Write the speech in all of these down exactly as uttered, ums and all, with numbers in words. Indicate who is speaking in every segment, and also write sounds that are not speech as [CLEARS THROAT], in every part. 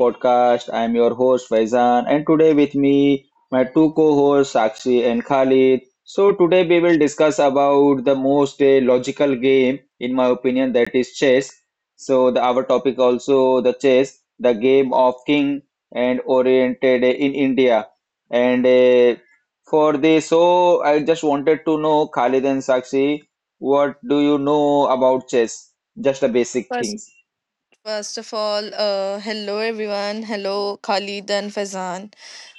Speaker 1: Podcast. I am your host Faizan, and today with me my two co-hosts Sakshi and Khalid. So today we will discuss about the most uh, logical game, in my opinion, that is chess. So the our topic also the chess, the game of king and oriented uh, in India. And uh, for this, so I just wanted to know Khalid and Sakshi, what do you know about chess? Just the basic
Speaker 2: First,
Speaker 1: things.
Speaker 2: first of all, uh, hello everyone. Hello, Khalid and Faizan.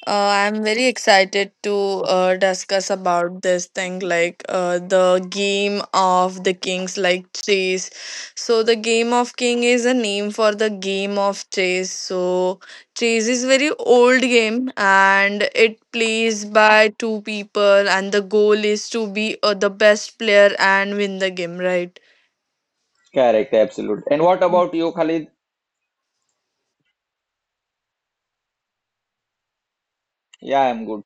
Speaker 2: Uh, I'm very excited to uh, discuss about this thing, like uh, the game of the kings, like chess. So the game of king is a name for the game of chess. So chess is very old game, and it plays by two people, and the goal is to be uh, the best player and win the game, right?
Speaker 1: Correct, absolute. And what about you, Khalid? Yeah, I'm good.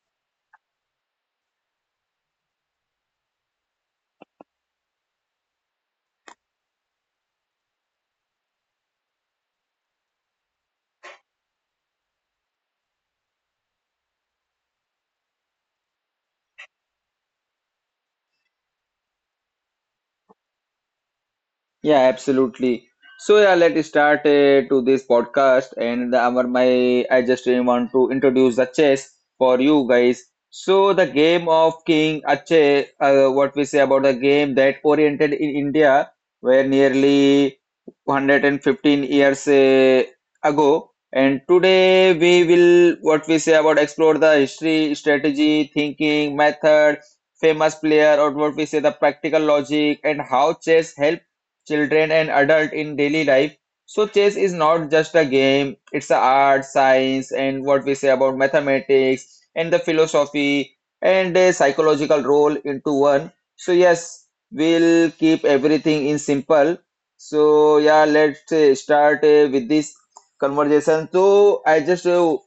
Speaker 1: Yeah, absolutely. So yeah, let's start uh, to this podcast. And the Amar, my I just really want to introduce the chess for you guys. So the game of king ache, uh, what we say about the game that oriented in India, where nearly one hundred fifteen years uh, ago, and today we will what we say about explore the history, strategy, thinking, method, famous player, or what we say the practical logic, and how chess help children and adult in daily life. So chess is not just a game, it's a art, science, and what we say about mathematics and the philosophy and a psychological role into one. So yes, we'll keep everything in simple. So yeah, let's uh, start uh, with this conversation. So I just uh,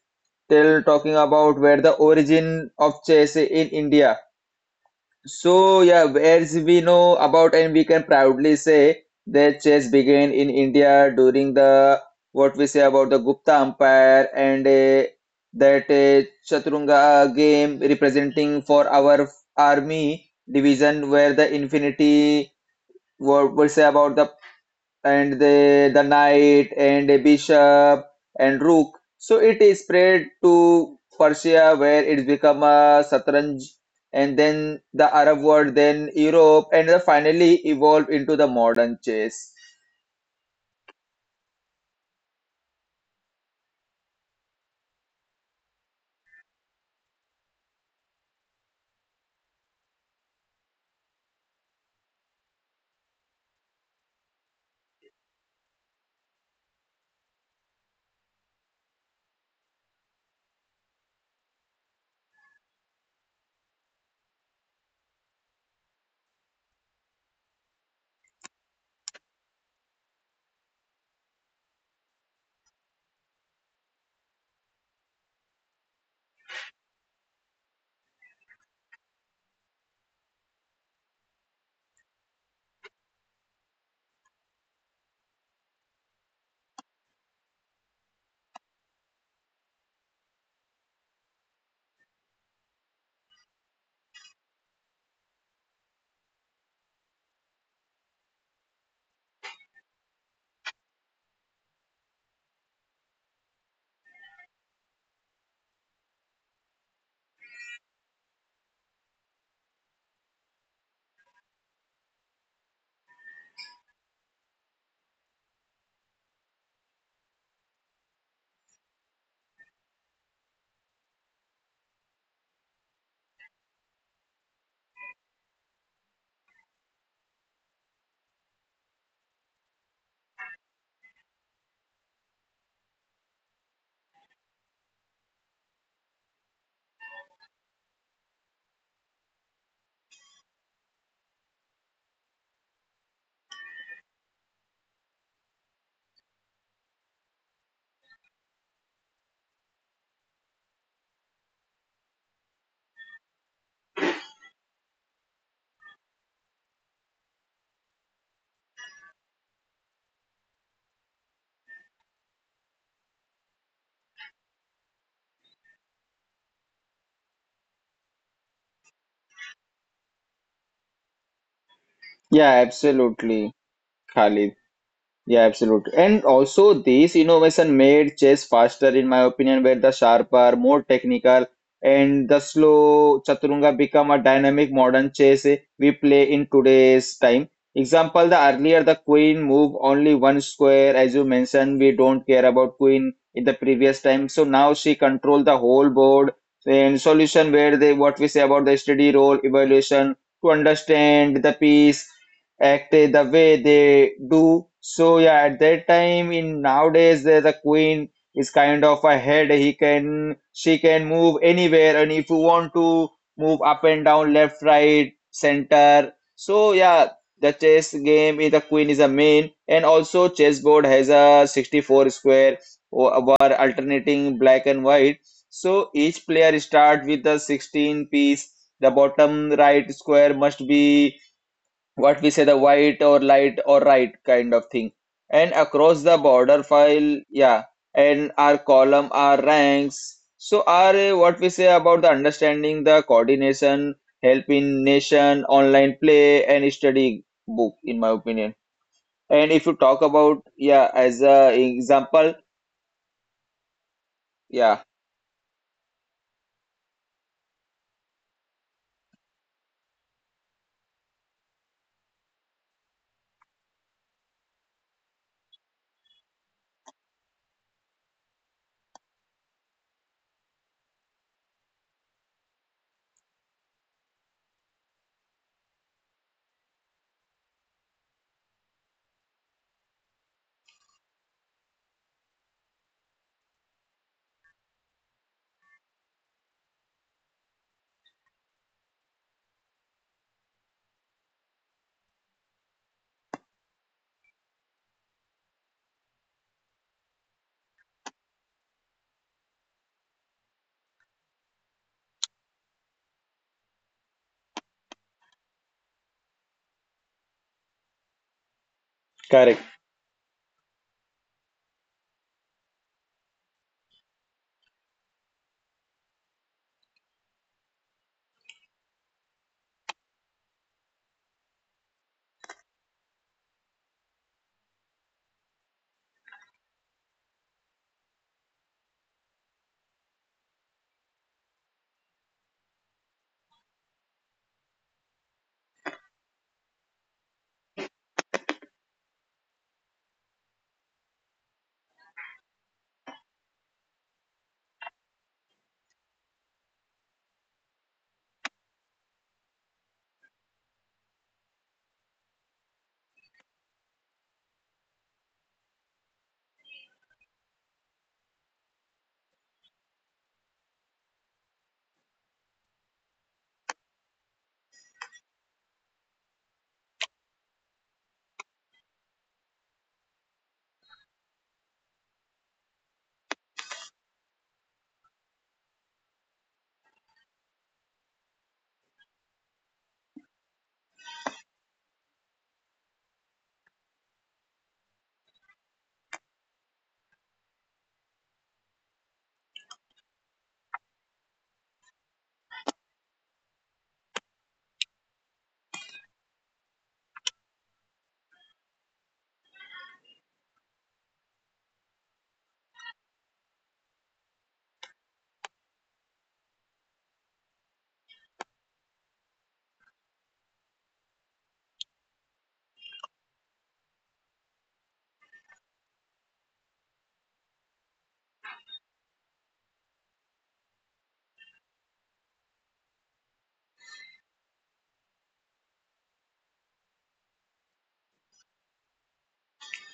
Speaker 1: tell talking about where the origin of chess in India. So yeah, as we know about, and we can proudly say that chess began in India during the what we say about the Gupta Empire, and uh, that uh, Chaturanga game representing for our army division, where the infinity what we say about the and the the knight and a bishop and rook. So it is spread to Persia where it's become a Satranj, and then the Arab world, then Europe, and then finally evolved into the modern chess. Yeah, absolutely, Khalid. Yeah, absolutely. And also, this innovation made chess faster, in my opinion, where the sharper, more technical, and the slow chaturanga become a dynamic modern chess we play in today's time. Example, the earlier the queen move only one square, as you mentioned, we don't care about queen in the previous time. So now she control the whole board and solution where they what we say about the study role evaluation to understand the piece acted the way they do. So yeah, at that time in nowadays the, the queen is kind of a head. He can She can move anywhere, and if you want to move up and down, left, right, center. So yeah, the chess game is the queen is a main, and also chessboard has a sixty-four square o- over alternating black and white. So each player start with the sixteen piece. The bottom right square must be what we say the white or light or right kind of thing, and across the border file, yeah, and our column, our ranks. So our uh, what we say about the understanding, the coordination help in nation online play and study book, in my opinion. And if you talk about, yeah, as a example, yeah. Correct.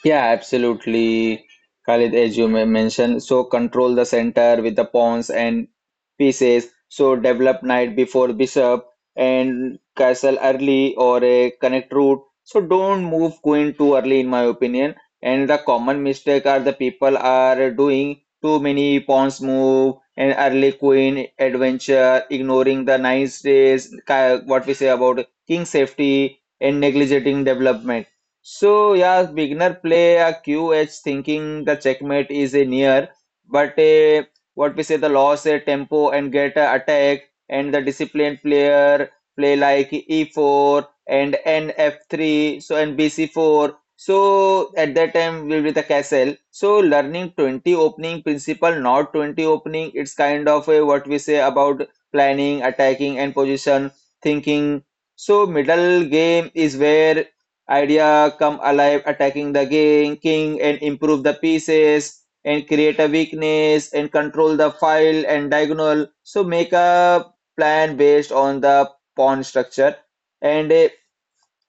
Speaker 1: Yeah, absolutely, Khalid, as you men- mentioned. So control the center with the pawns and pieces. So develop knight before bishop and castle early or a connect route. So don't move queen too early, in my opinion. And the common mistake are the people are doing too many pawns move and early queen adventure, ignoring the nice days, ki- what we say about king safety, and neglecting development. So yeah, beginner play a Q H thinking the checkmate is a near, but a, what we say the loss a tempo and get a attack. And the disciplined player play like E four and N F three so and B C four. So at that time will be the castle. So learning twenty opening principle, not twenty opening. It's kind of a, what we say about planning, attacking, and position thinking. So middle game is where idea come alive, attacking the game king and improve the pieces and create a weakness and control the file and diagonal. So make a plan based on the pawn structure and uh,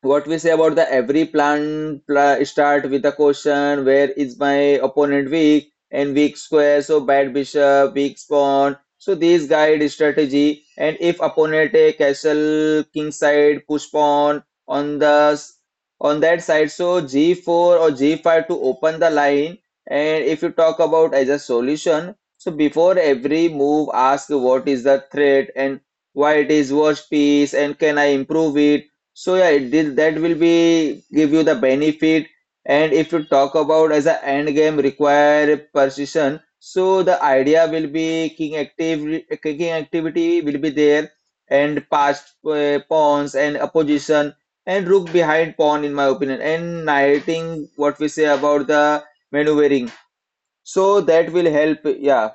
Speaker 1: what we say about the every plan pla start with a question, where is my opponent weak and weak square, so bad bishop, weak pawn. So these guide strategy. And if opponent a castle king side, push pawn on the s- on that side, so g four or g five to open the line. And if you talk about as a solution, so before every move, ask what is the threat and why it is worst piece and can I improve it. So yeah, it did, that will be give you the benefit. And if you talk about as a end game require precision, so the idea will be king active, king activity will be there, and passed uh, pawns and opposition and rook behind pawn, in my opinion, and knighting what we say about the maneuvering. So that will help. Yeah,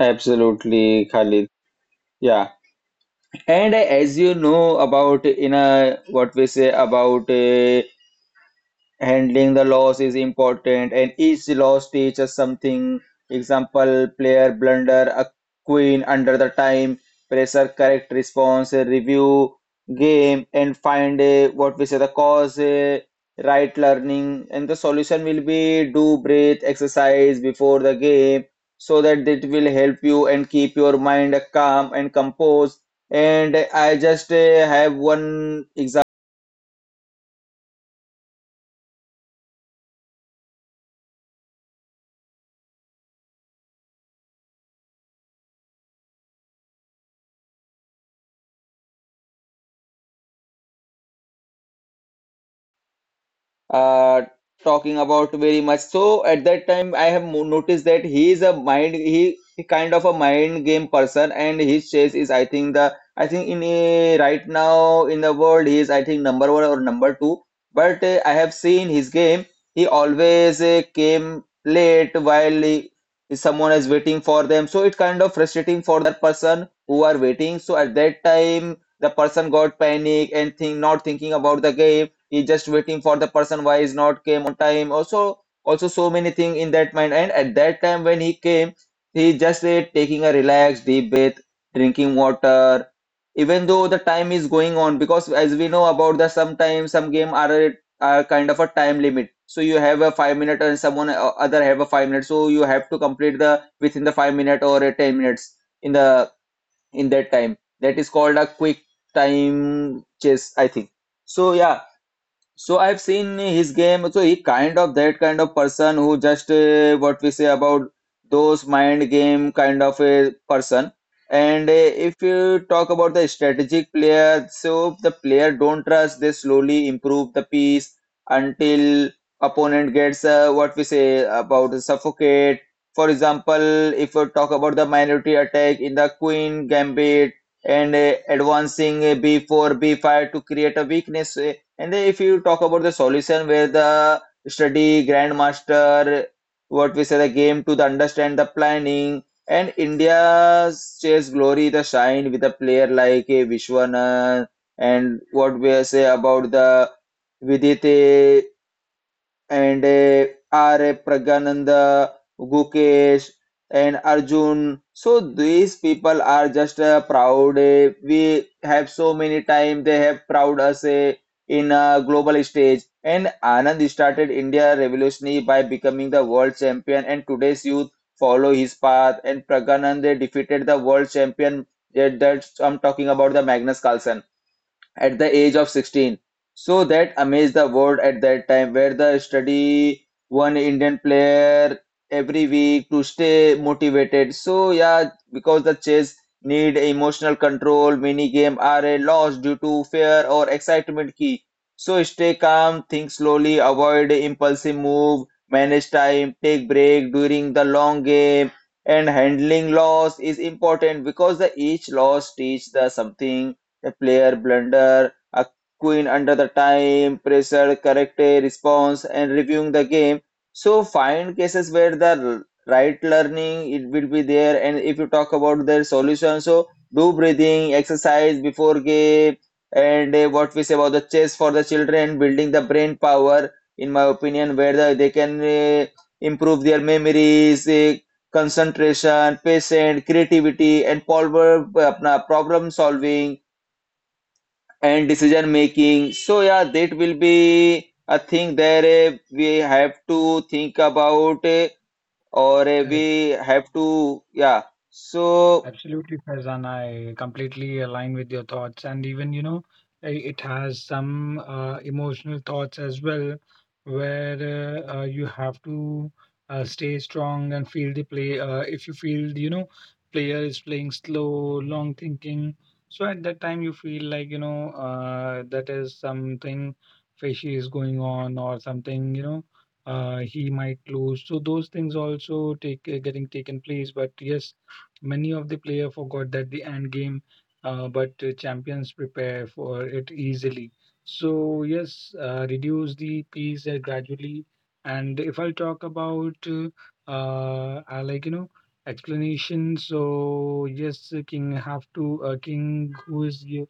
Speaker 1: absolutely, Khalid. Yeah, and as you know about in a what we say about. Uh, handling the loss is important, and each loss teaches something. Example, player blunder a queen under the time pressure, correct response a review game and find a, what we say the cause a, right learning. And the solution will be do breath exercise before the game, so that it will help you and keep your mind calm and composed. And I just uh, have one example uh, talking about very much. So at that time, I have mo- noticed that he is a mind, he, he kind of a mind game person, and his chess is, I think the, I think in a, right now in the world, he is, I think, number one or number two. But uh, I have seen his game. He always uh, came late while he, someone is waiting for them. So it kind of frustrating for person who are waiting. So at that time, the person got panic and think not thinking about the game, he just waiting for the person, why is not came on time, also also so many thing in that mind. And at that time when he came, he just uh, taking a relaxed deep breath, drinking water, even though the time is going on, because as we know about, the sometimes some game are are kind of a time limit. So you have a five minute and someone o- other have a five minute, so you have to complete the within the five minute or a ten minutes in the in that time, that is called a quick time chess, I think. So yeah, so I've seen his game. So he kind of that kind of person who just uh, what we say about those mind game kind of a person. And uh, if you talk about the strategic player, so the player don't trust, they slowly improve the piece until opponent gets uh, what we say about suffocate. For example, if we talk about the minority attack in the queen gambit, and uh, advancing uh, b four, b five to create a weakness. Uh, and then if you talk about the solution where the study grandmaster, what we say the game to the understand the planning. And India's chess glory the shine with a player like a Vishwanath and what we say about the Vidit and uh, R A. Pragananda, Gukesh, and Arjun. So these people are just uh, proud. Eh, we have so many time they have proud us eh, in a global stage. And Anand started India revolutionary by becoming the world champion. And today's youth follow his path. And Praganand, they defeated the world champion. That That's I'm talking about the Magnus Carlsen at the age of sixteen. So that amazed the world at that time, where the study one Indian player every week to stay motivated. So yeah, because the chess need emotional control, many game are a loss due to fear or excitement key. So stay calm, think slowly, avoid impulsive move, manage time, take break during the long game. And handling loss is important, because the each loss teach the something. A player blunder, a queen under the time, pressure, correct a response, and reviewing the game. So find cases where the right learning it will be there. And if you talk about their solution, so do breathing exercise before game. And uh, what we say about the chess for the children, building the brain power. In my opinion, where the, they can uh, improve their memories, uh, concentration, patience, creativity, and problem, uh, अपना problem solving and decision making. So yeah, that will be a thing. There uh, we have to think about uh, or uh, we
Speaker 3: Correct.
Speaker 1: have to, yeah. So
Speaker 3: Absolutely, Faizan. I completely align with your thoughts. And even, you know, i- it has some uh, emotional thoughts as well, where uh, uh, you have to uh, stay strong and feel the play. Uh, if you feel, you know, player is playing slow, long thinking. So at that time, you feel like, you know, uh, that is something fishy is going on or something, you know, uh, he might lose. So those things also take uh, getting taken place. But yes, many of the player forgot that the end game, uh, but uh, champions prepare for it easily. So yes, uh, reduce the piece uh, gradually. And if I'll talk about, uh, uh, I like you know explanation. So yes, uh, king have to uh, king who is y-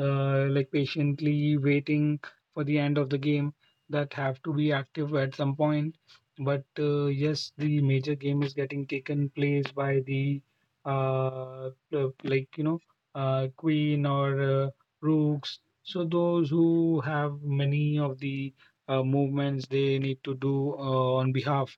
Speaker 3: uh, like patiently waiting for the end of the game that have to be active at some point, but uh, yes, the major game is getting taken place by the uh, uh, like you know uh, queen or uh, rooks, so those who have many of the uh, movements they need to do uh, on behalf.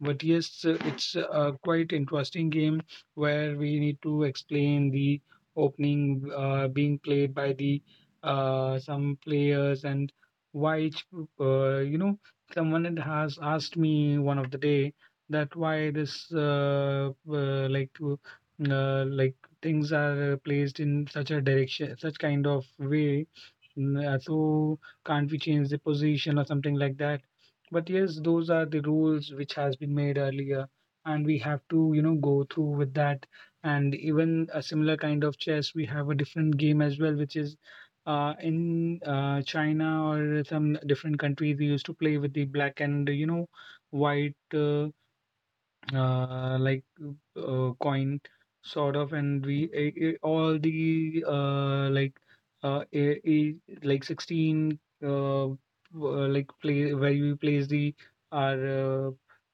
Speaker 3: But yes, uh, it's a quite interesting game where we need to explain the opening uh, being played by the uh, some players and why each, uh, you know, someone had- has asked me one of the day that why this uh, uh, like uh, uh, like things are placed in such a direction, such kind of way. Mm, uh, so can't we change the position or something like that? But yes, those are the rules which has been made earlier, and we have to, you know, go through with that. And even a similar kind of chess, we have a different game as well, which is uh, in uh, China or some different countries. We used to play with the black and you know white uh, uh, like uh, coin sort of, and we i i- all the uh, like uh, a, a, like sixteen uh, w- uh, like play where we place the our uh,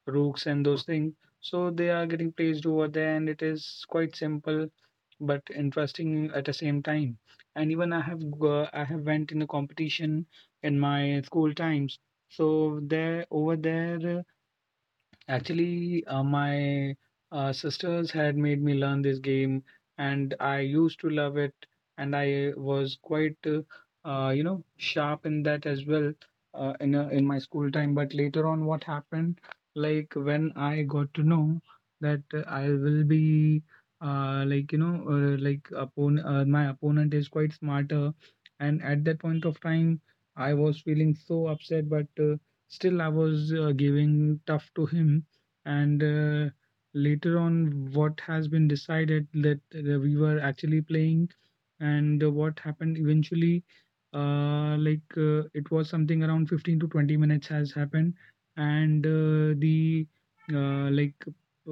Speaker 3: rooks and those things, so they are getting placed over there, and it is quite simple but interesting at the same time. And even i have go- I have went in a competition in my school times, so there over there. Actually, uh, my uh, sisters had made me learn this game, and I used to love it, and I was quite, uh, uh, you know, sharp in that as well, uh, in uh, in my school time. But later on, what happened, like when I got to know that uh, I will be, uh, like you know, uh, like oppon uh, my opponent is quite smarter, and at that point of time, I was feeling so upset, but. Uh, Still, I was uh, giving tough to him, and uh, later on, what has been decided that uh, we were actually playing, and uh, what happened eventually, uh, like uh, it was something around fifteen to twenty minutes has happened, and uh, the uh, like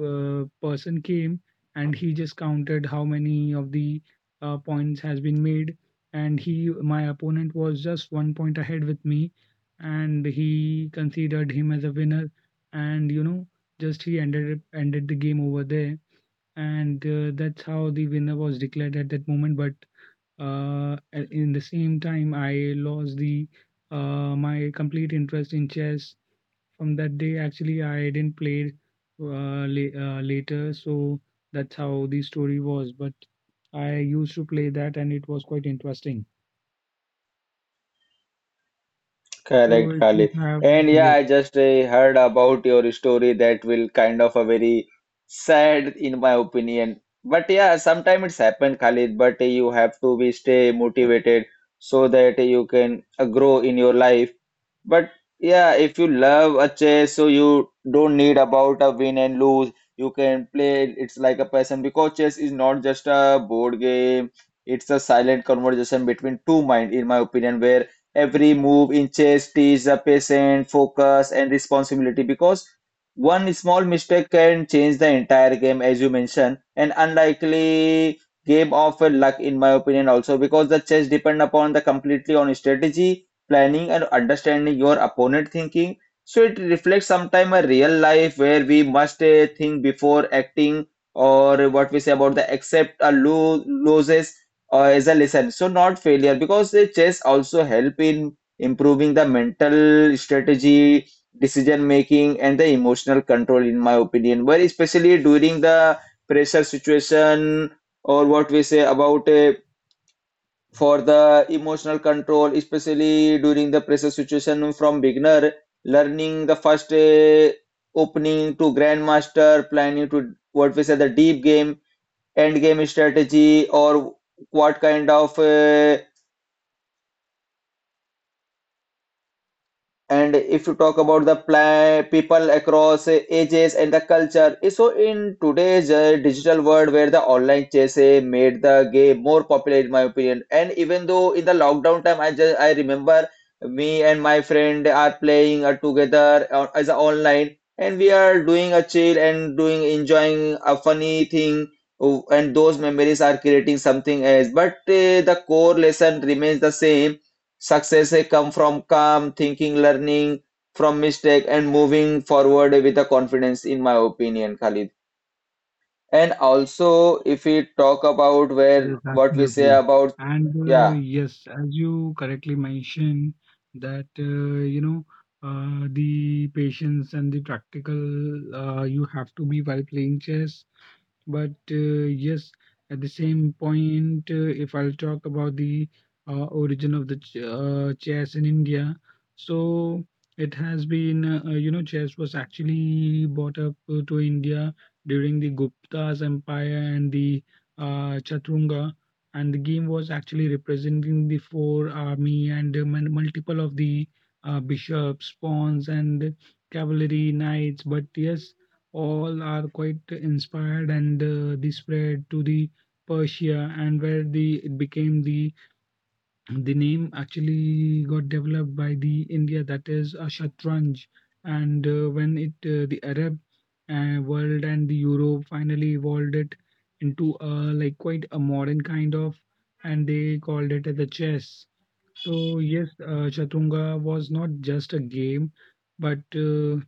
Speaker 3: uh, person came, and he just counted how many of the uh, points has been made, and he my opponent was just one point ahead with me, and he considered him as a winner, and you know just he ended ended the game over there. And uh, that's how the winner was declared at that moment. But uh, a- in the same time, I lost the uh, my complete interest in chess. From that day, actually, I didn't play uh, la- uh, later. So that's how the story was. But I used to play that, and it was quite interesting. So
Speaker 1: correct,
Speaker 3: if you
Speaker 1: Khalid.
Speaker 3: have,
Speaker 1: And yeah,
Speaker 3: yes.
Speaker 1: I just uh, heard about your story that will kind of a very sad, in my opinion. But yeah, sometimes it's happened, Khalid, but uh, you have to be stay motivated so that you can uh, grow in your life. But yeah, if you love a chess, so you don't need about a win and lose. You can play it, it's like a person because chess is not just a board game. It's a silent conversation between two mind, in my opinion, where every move in chess teaches the patience, focus, and responsibility because one small mistake can change the entire game, as you mentioned, an unlikely game of uh, luck, in my opinion, also because the chess depend upon the completely on strategy, planning, and understanding your opponent thinking. So it reflects sometime a real life where we must uh, think before acting, or what we say about the accept a lo- loses uh, as a lesson. So not failure because the chess also help in improving the mental strategy, decision making, and the emotional control. In my opinion, where especially during the pressure situation or what we say about uh, for the emotional control, especially during the pressure situation from beginner learning the first uh, opening to grandmaster planning to what we say the deep game end game strategy or what kind of uh, and if you talk about the pla people across uh, ages and the culture, eh, so in today's uh, digital world where the online chess eh, made the game more popular, in my opinion. And even though in the lockdown time, I just I remember me and my friend are playing uh, together uh, as a online, and we are doing a chill and doing enjoying a funny thing, oh, and those memories are creating something else. But uh, the core lesson remains the same. Success eh, come from calm thinking, learning from mistake, and moving forward with a confidence, in my opinion, Khalid. And also, if we talk about
Speaker 3: Yes,
Speaker 1: where what we say
Speaker 3: absolutely.
Speaker 1: about,
Speaker 3: And uh,
Speaker 1: yeah,
Speaker 3: yes, as you correctly mentioned, that uh, you know uh, the patience and the practical uh, you have to be while playing chess. But uh, yes, at the same point, uh, if I'll talk about the uh, origin of the ch- uh, chess in India, so it has been, uh, you know, chess was actually brought up uh, to India during the Gupta's empire and the uh, Chaturanga, and the game was actually representing the four army and uh, mul- multiple of the uh, bishops, pawns, and cavalry knights. But yes, all are quite inspired, and uh, they spread to the Persia, and where the it became the the name actually got developed by the India, that is a Shatranj. And uh, when it uh, the Arab uh, world and the Europe finally evolved it into a like quite a modern kind of, and they called it as the chess. So yes, uh, Chaturanga was not just a game, but uh,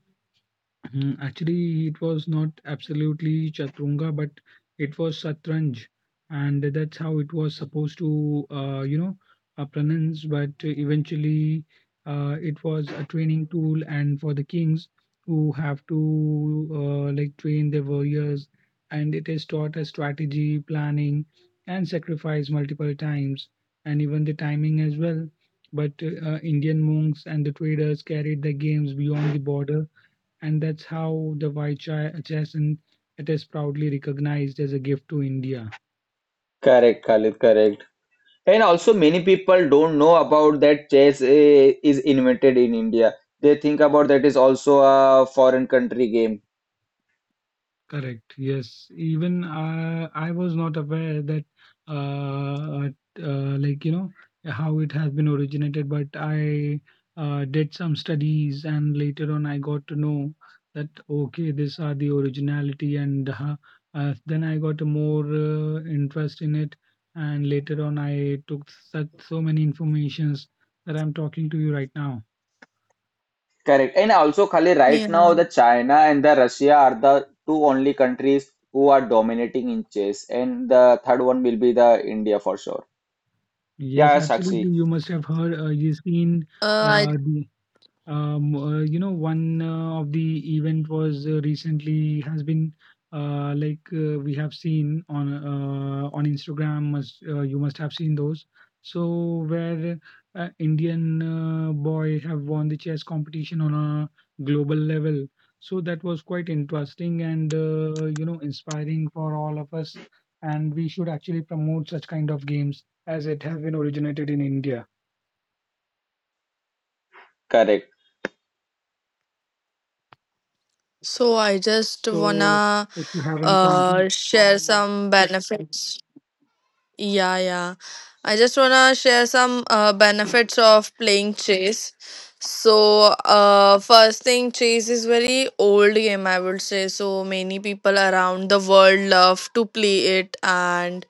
Speaker 3: Mhm, actually, it was not absolutely Chaturanga, but it was Satranj, and that's how it was supposed to, uh, you know, uh, pronounce. But eventually, uh, it was a training tool, and for the kings who have to uh, like train their warriors, and it is taught as strategy, planning, and sacrifice multiple times, and even the timing as well. But uh, Indian monks and the traders carried the games beyond the border, and that's how the Vijayachasant it is proudly recognized as a gift to India.
Speaker 1: correct, Khalid, correct. And also, many people don't know about that chess eh, is invented in India. They think about that is also a foreign country game.
Speaker 3: Correct. Yes. Even uh, I was not aware that, uh, uh, like you know, how it has been originated. But I uh, did some studies, and later on, I got to know that okay, these are the originality, and uh, uh, then I got a more uh, interest in it, and later on, I took such so many informations that I'm talking to you right now.
Speaker 1: Correct. And also, Khalid, right now
Speaker 2: Yeah.
Speaker 1: the China and the Russia are the two only countries who are dominating in chess, and the third one will be the India for sure.
Speaker 3: Yes,
Speaker 1: Yeah,
Speaker 3: absolutely.
Speaker 1: Sakshi,
Speaker 3: You must have heard, uh, you've seen
Speaker 2: Uh, I
Speaker 3: uh, the um, uh, you know, one uh, of the event was uh, recently has been uh, like uh, we have seen on uh, on Instagram. Must uh, You must have seen those. So where uh, Indian uh, boy have won the chess competition on a global level. So that was quite interesting and uh, you know inspiring for all of us. And we should actually promote such kind of games as it have been originated in India.
Speaker 1: correct.
Speaker 2: So I just
Speaker 3: So
Speaker 2: wanna
Speaker 3: if you have any point here.
Speaker 2: uh, share some benefits. Yeah, yeah. I just wanna share some uh, benefits of playing chess. So, uh, first thing, chess is very old game, I would say. So many people around the world love to play it, and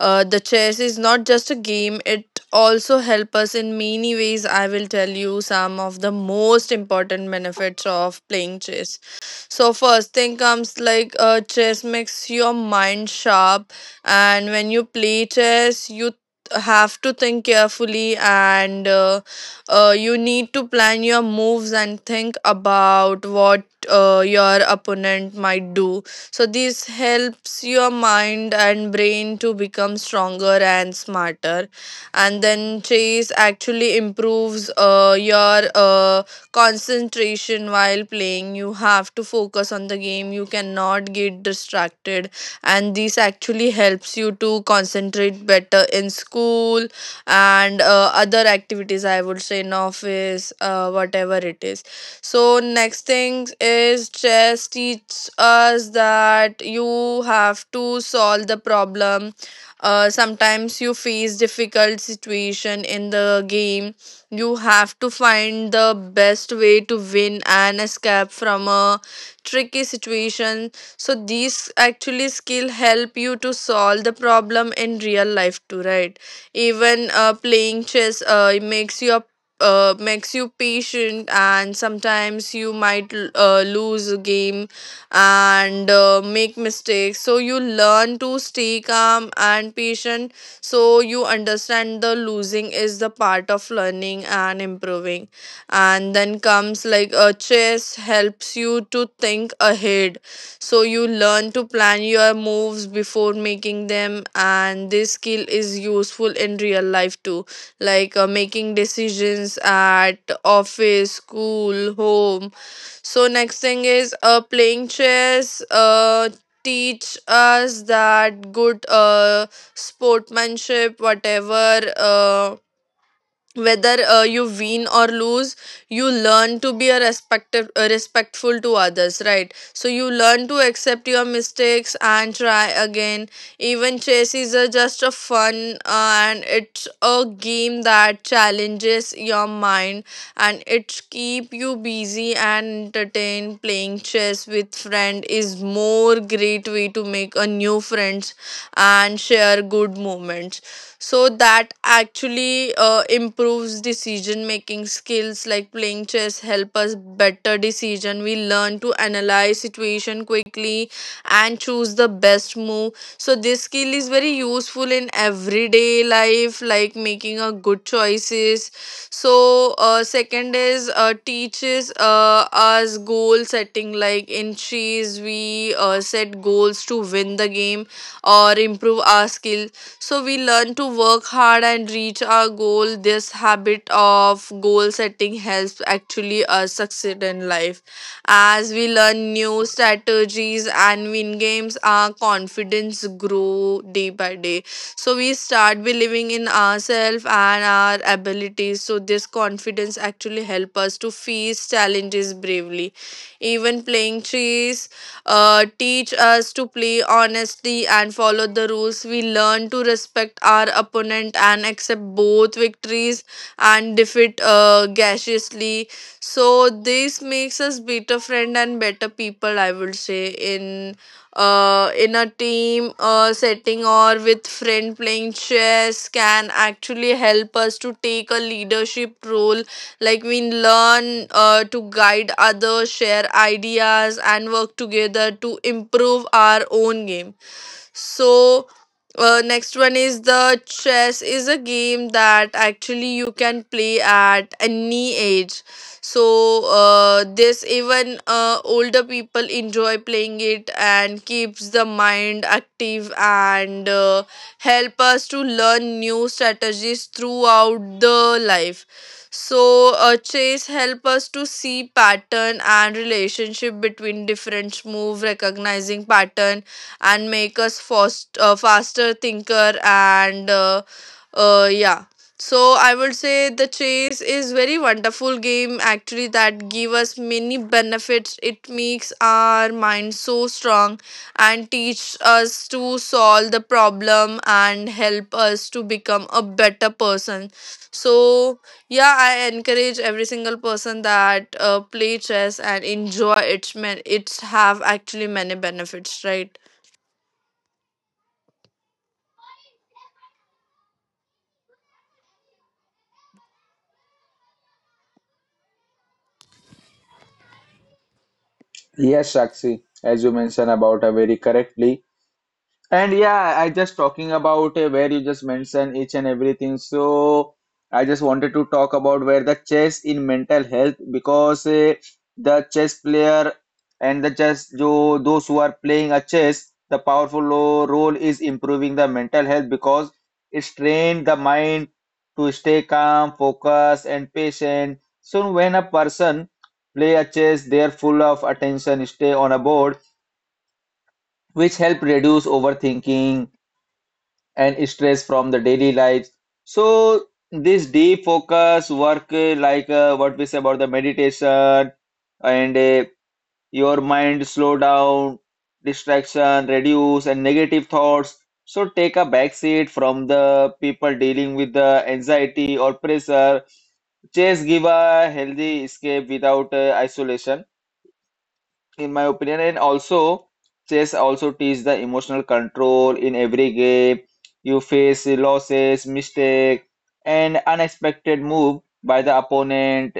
Speaker 2: uh, the chess is not just a game. It also help us in many ways. I will tell you some of the most important benefits of playing chess. So, first thing comes like uh, chess makes your mind sharp, and when you play chess you have to think carefully, and uh, uh, you need to plan your moves and think about what uh, your opponent might do. So this helps your mind and brain to become stronger and smarter. And then chess actually improves uh, your uh, concentration. While playing you have to focus on the game. You cannot get distracted, and this actually helps you to concentrate better in school and uh, other activities, I would say, in office, uh, whatever it is. So next thing is chess teaches us that you have to solve the problem. Uh, sometimes you face difficult situation in the game, you have to find the best way to win and escape from a tricky situation. So these actually skill help you to solve the problem in real life too, right? Even uh, playing chess, uh, it makes you a uh, makes you patient. And sometimes you might l- uh, lose a game and uh, make mistakes, so you learn to stay calm and patient. So you understand the losing is the part of learning and improving. And then comes like a chess helps you to think ahead, so you learn to plan your moves before making them, and this skill is useful in real life too, like uh, making decisions at office, school, home. So next thing is uh playing chess uh teach us that good uh sportsmanship, whatever, uh whether uh, you win or lose, you learn to be a respective uh, respectful to others, right? So you learn to accept your mistakes and try again. Even chess is a just a fun uh, and it's a game that challenges your mind, and it keep you busy and entertained. Playing chess with friend is more great way to make a new friends and share good moments. So that actually uh, improves decision making skills, like playing chess help us better decision. We learn to analyze situation quickly and choose the best move, so this skill is very useful in everyday life, like making a good choices. So uh, second is uh, teaches uh, us goal setting. Like in chess we uh, set goals to win the game or improve our skill, so we learn to work hard and reach our goal. This habit of goal setting helps actually us succeed in life. As we learn new strategies and win games, our confidence grow day by day. So we start believing in ourselves and our abilities, so this confidence actually help us to face challenges bravely. Even playing chess uh, teach us to play honesty and follow the rules. We learn to respect our opponent and accept both victories and defeat uh, graciously. So this makes us better friend and better people, I would say. In uh, in a team uh, setting or with friend, playing chess can actually help us to take a leadership role. Like we learn uh, to guide others, share ideas, and work together to improve our own game. So uh, next one is the chess is a game that actually you can play at any age. So uh, this, even uh, older people enjoy playing it and keeps the mind active and uh, help us to learn new strategies throughout the life. So uh, chase help us to see pattern and relationship between different move. Recognizing pattern and make us fast, uh, faster thinker, and uh, uh, yeah. So I would say the chase is very wonderful game actually that give us many benefits. It makes our mind so strong and teach us to solve the problem and help us to become a better person. So yeah, I encourage every single person that uh, play chess and enjoy it, men. It's have actually many benefits, right?
Speaker 1: Yes, Sakshi, as you mentioned about uh, very correctly. And yeah, I just talking about uh, where you just mentioned each and everything. So I just wanted to talk about where the chess in mental health because uh, the chess player and the chess jo, those who are playing a chess, the powerful lo- role is improving the mental health because it trains the mind to stay calm, focused, and patient. So when a person play a chess, they are full of attention, stay on a board, which help reduce overthinking and stress from the daily lives. So this deep focus work, uh, like uh, what we say about the meditation and uh, your mind slow down, distraction reduce, and negative thoughts. So take a backseat from the people dealing with the anxiety or pressure. Chess give a healthy escape without uh, isolation in my opinion, and also chess also teach the emotional control in every game. You face losses, mistake, and unexpected move by the opponent.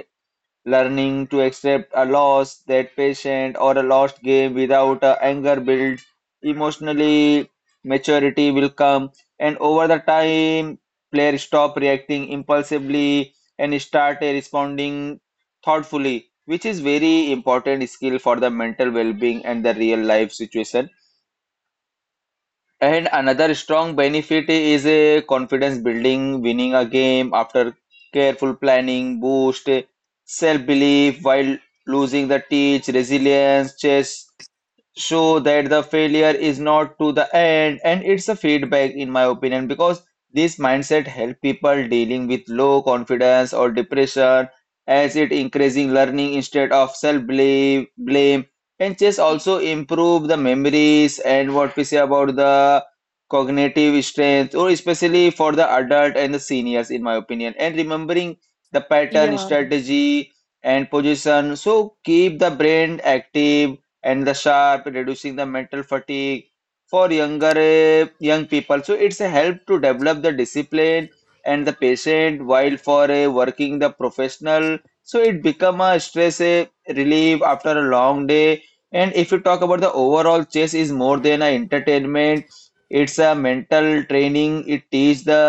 Speaker 1: Learning to accept a loss, that patient, or a lost game without uh, anger builds. Emotionally, maturity will come, and over the time, players stop reacting impulsively and start uh, responding thoughtfully, which is very important skill for the mental well-being and the real life situation. And another strong benefit is a confidence building, winning a game after careful planning, boost self-belief while losing the teach, resilience, chess show that the failure is not to the end and it's a feedback in my opinion because this mindset help people dealing with low confidence or depression as it increasing learning instead of self blame blame and chess also improve the memories and what we say about the cognitive strength or especially for the adult and the seniors in my opinion and remembering the pattern strategy and position so keep the brain active and the sharp reducing the mental fatigue for younger uh, young people so it's a help to develop the discipline and the patient while for a working the professional so it become a stress uh, relief after a long day. And if you talk about the overall chess is more than a entertainment, it's a mental training, it teach the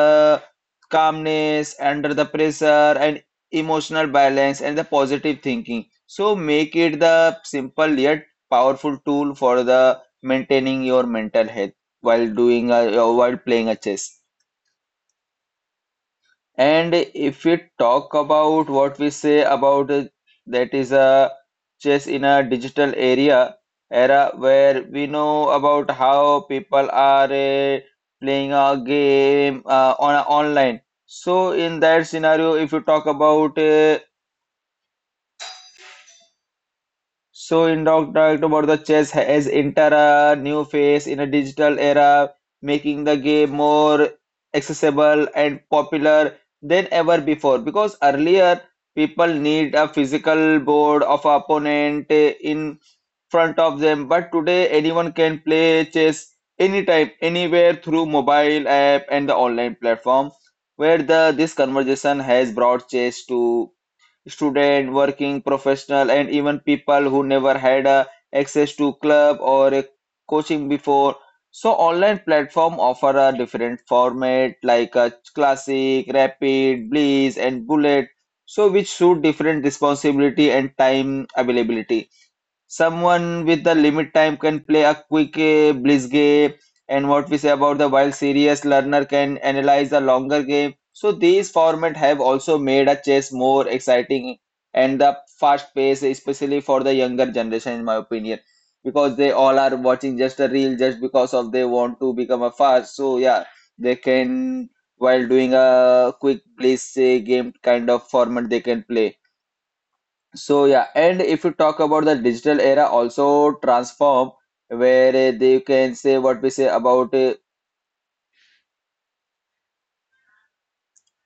Speaker 1: calmness under the pressure and emotional balance and the positive thinking, so make it the simple yet powerful tool for the maintaining your mental health while doing a, uh, while playing a chess. And if we talk about what we say about uh, that is a chess in a digital area era where we know about how people are uh, playing a game uh, on online. So in that scenario, if you talk about uh, So in talk talked about the chess has entered a new phase in a digital era, making the game more accessible and popular than ever before. Because earlier people need a physical board of opponent eh, in front of them, but today anyone can play chess anytime, anywhere through mobile app and the online platform, where the this conversation has brought chess to student, working professional, and even people who never had uh, access to club or a coaching before. So online platform offer a different format like a classic, rapid, bliss, and bullet. So which suit different responsibility and time availability, someone with the limit time can play a quick uh, blitz game and what we say about the while serious learner can analyze a longer game, so these format have also made a chess more exciting and the fast pace especially for the younger generation in my opinion because they all are watching just a reel just because of they want to become a fast so yeah they can while doing a quick blitz uh, game kind of format they can play so yeah, and if you talk about the digital era also transform where uh, they can say what we say about uh,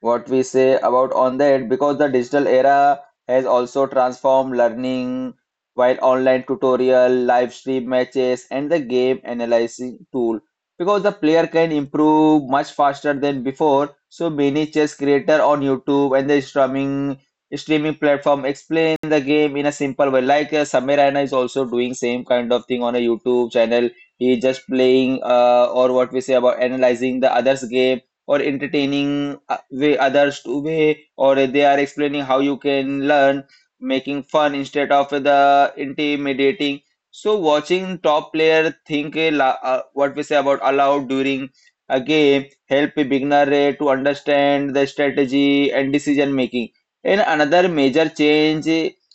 Speaker 1: what we say about on that because the digital era has also transformed learning while online tutorial live stream matches and the game analyzing tool because the player can improve much faster than before so many chess creator on YouTube and the streaming streaming platform explain the game in a simple way like uh, Samir Raina is also doing same kind of thing on a YouTube channel, he just playing uh, or what we say about analyzing the others game or entertaining uh, way others to way or they are explaining how you can learn making fun instead of the intimidating so watching top player think a la- uh, what we say about aloud during a game help a beginner uh, to understand the strategy and decision making. And another major change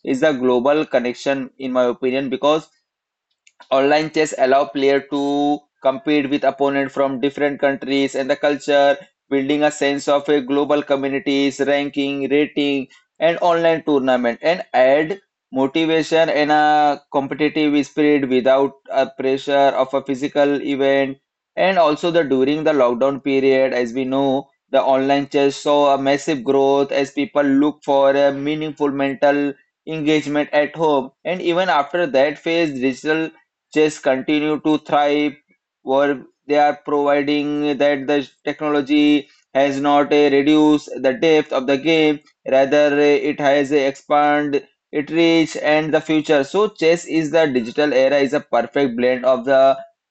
Speaker 1: is the global connection in my opinion because online chess allow player to compete with opponent from different countries and the culture, building a sense of a global communities, ranking, rating, and online tournament, and add motivation and a competitive spirit without a pressure of a physical event. And also the during the lockdown period, as we know, the online chess saw a massive growth as people look for a meaningful mental engagement at home. And even after that phase, digital chess continue to thrive or they are providing that the technology has not uh, reduced the depth of the game rather uh, it has uh, expand its reach and the future. So chess is the digital era is a perfect blend of the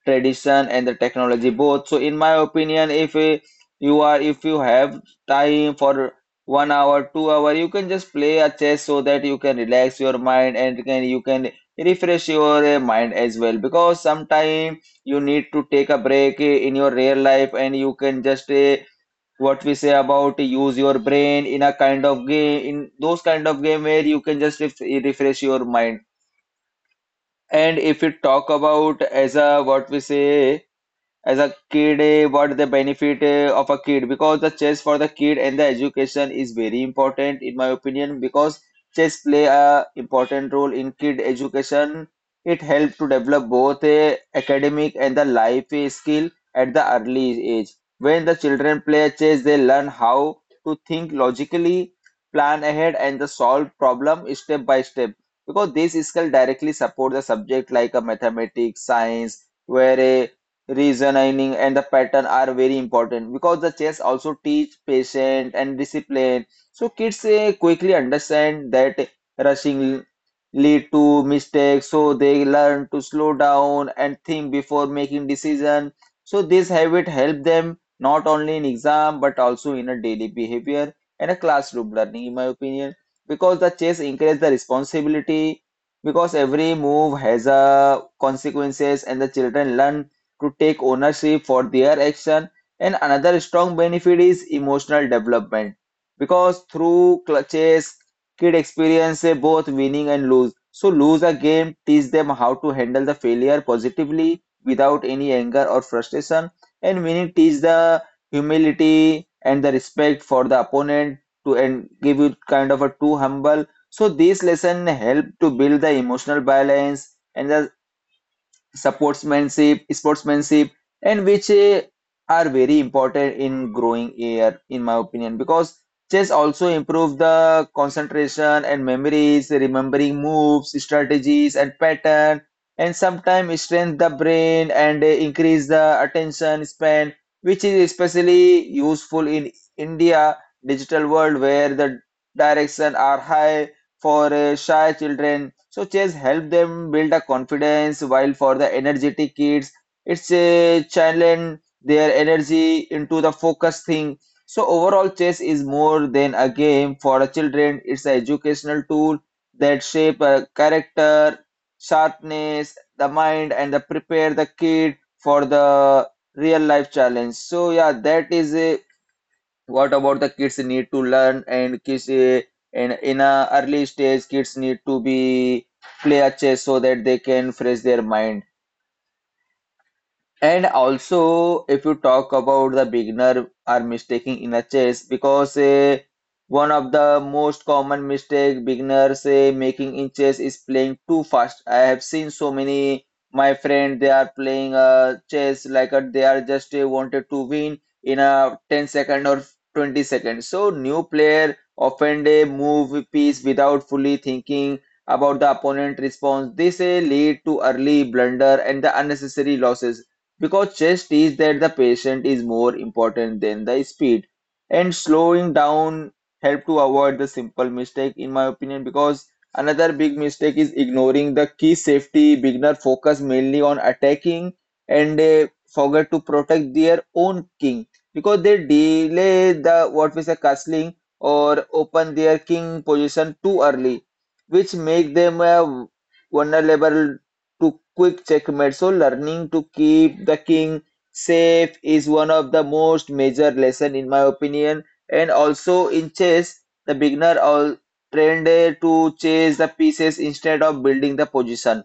Speaker 1: tradition and the technology both. So in my opinion, if uh, you are if you have time for one hour two hour you can just play a chess so that you can relax your mind and can you can refresh your uh, mind as well because sometimes you need to take a break uh, in your real life and you can just uh, what we say about use your brain in a kind of game in those kind of game where you can just ref- refresh your mind. And if you talk about as a what we say as a kid, eh, what the benefit eh, of a kid because the chess for the kid and the education is very important in my opinion because chess play a important role in kid education, it help to develop both a academic and the life eh, skill at the early age. When the children play chess they learn how to think logically, plan ahead and the solve problem step by step because this skill directly support the subject like a mathematics, science where a reasoning and the pattern are very important because the chess also teach patience and discipline so kids eh, quickly understand that rushing lead to mistakes so they learn to slow down and think before making decision so this habit help them not only in exam but also in a daily behavior and a classroom learning In my opinion, because the chess encourage the responsibility because every move has a consequences and the children learn to take ownership for their action. And another strong benefit is emotional development because through clutches kid experience eh, both winning and lose. So lose a game teach them how to handle the failure positively without any anger or frustration, and winning teach the humility and the respect for the opponent to and give you kind of a too humble. So this lesson help to build the emotional balance and the sportsmanship, sportsmanship, and which eh, are very important in growing air, in my opinion, because chess also improve the concentration and memories, remembering moves, strategies, and pattern, and sometimes strengthen the brain and eh, increase the attention span, which is especially useful in India digital world where the direction are high for uh, shy children. So chess help them build a confidence, while for the energetic kids, it's a channel their energy into the focus thing. So overall, chess is more than a game for the children. It's an educational tool that shape a character, sharpness, the mind, and the prepare the kid for the real life challenge. So yeah, that is a what about the kids need to learn and kids uh, and in a early stage kids need to be play a chess so that they can fresh their mind. And also, if you talk about the beginner are mistaking in a chess, because uh, one of the most common mistake beginners uh, making in chess is playing too fast. I have seen so many my friend they are playing uh, chess like uh, they are just uh, wanted to win in a ten second or twenty seconds. So new player often they move piece without fully thinking about the opponent response. This uh, lead to early blunder and the unnecessary losses because chess teaches that the patient is more important than the speed. And slowing down help to avoid the simple mistake, in my opinion, because another big mistake is ignoring the key safety. Beginner focus mainly on attacking and they forget to protect their own king because they delay the what we say castling or open their king position too early, which make them uh, vulnerable to quick checkmate. So learning to keep the king safe is one of the most major lesson, in my opinion. And also in chess, the beginner all trained uh, to chase the pieces instead of building the position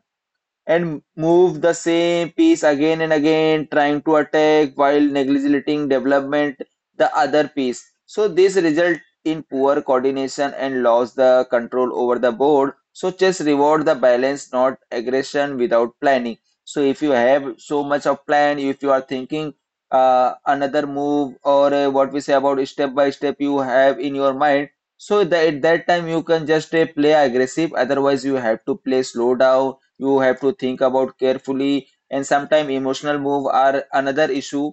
Speaker 1: and move the same piece again and again, trying to attack while neglecting development the other piece. So this result in poor coordination and loss the control over the board. So chess reward the balance, not aggression without planning. So if you have so much of plan, if you are thinking uh, another move or uh, what we say about step by step you have in your mind, so that at that time you can just uh, play aggressive. Otherwise you have to play slow down, you have to think about carefully. And sometimes emotional move are another issue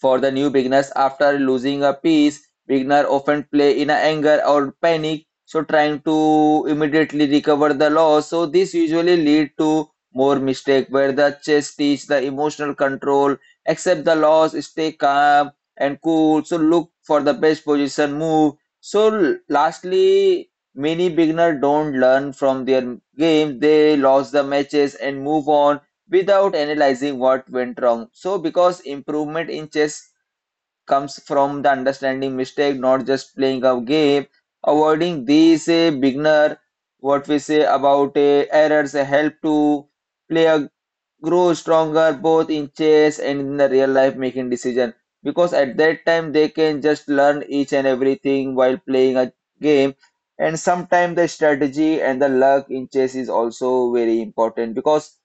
Speaker 1: for the new beginners. After losing a piece, beginner often play in a anger or panic, so trying to immediately recover the loss. So this usually lead to more mistake where the chess teach the emotional control, accept the loss, stay calm and cool. So look for the best position move. So lastly, many beginner don't learn from their game. They lost the matches and move on without analyzing what went wrong. So, because improvement in chess comes from the understanding mistake, not just playing a game, avoiding these uh, beginner, what we say about uh, errors uh, help to player grow stronger both in chess and in the real life making decision. Because at that time they can just learn each and everything while playing a game. And sometimes the strategy and the luck in chess is also very important because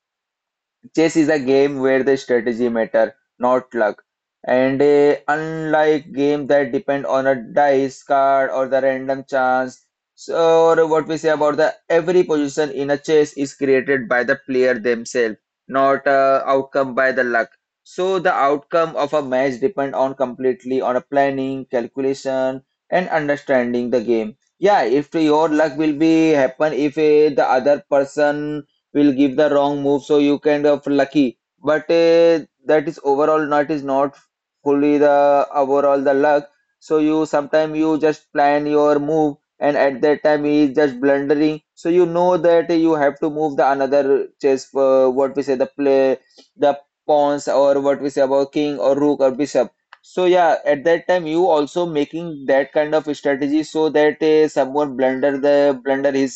Speaker 1: chess is a game where the strategy matter, not luck. And uh, unlike games that depend on a dice card or the random chance, so or what we say about the every position in a chess is created by the player themselves, not uh, outcome by the luck. So the outcome of a match depend on completely on a planning, calculation, and understanding the game. Yeah, if your luck will be happen, if uh, the other person will give the wrong move, so you kind of lucky, but uh, that is overall not is not fully the overall the luck. So you sometimes you just plan your move and at that time he is just blundering, so you know that you have to move the another chess uh, what we say the play the pawns or what we say about king or rook or bishop. So yeah, at that time you also making that kind of strategy so that uh, someone blunder the blunder his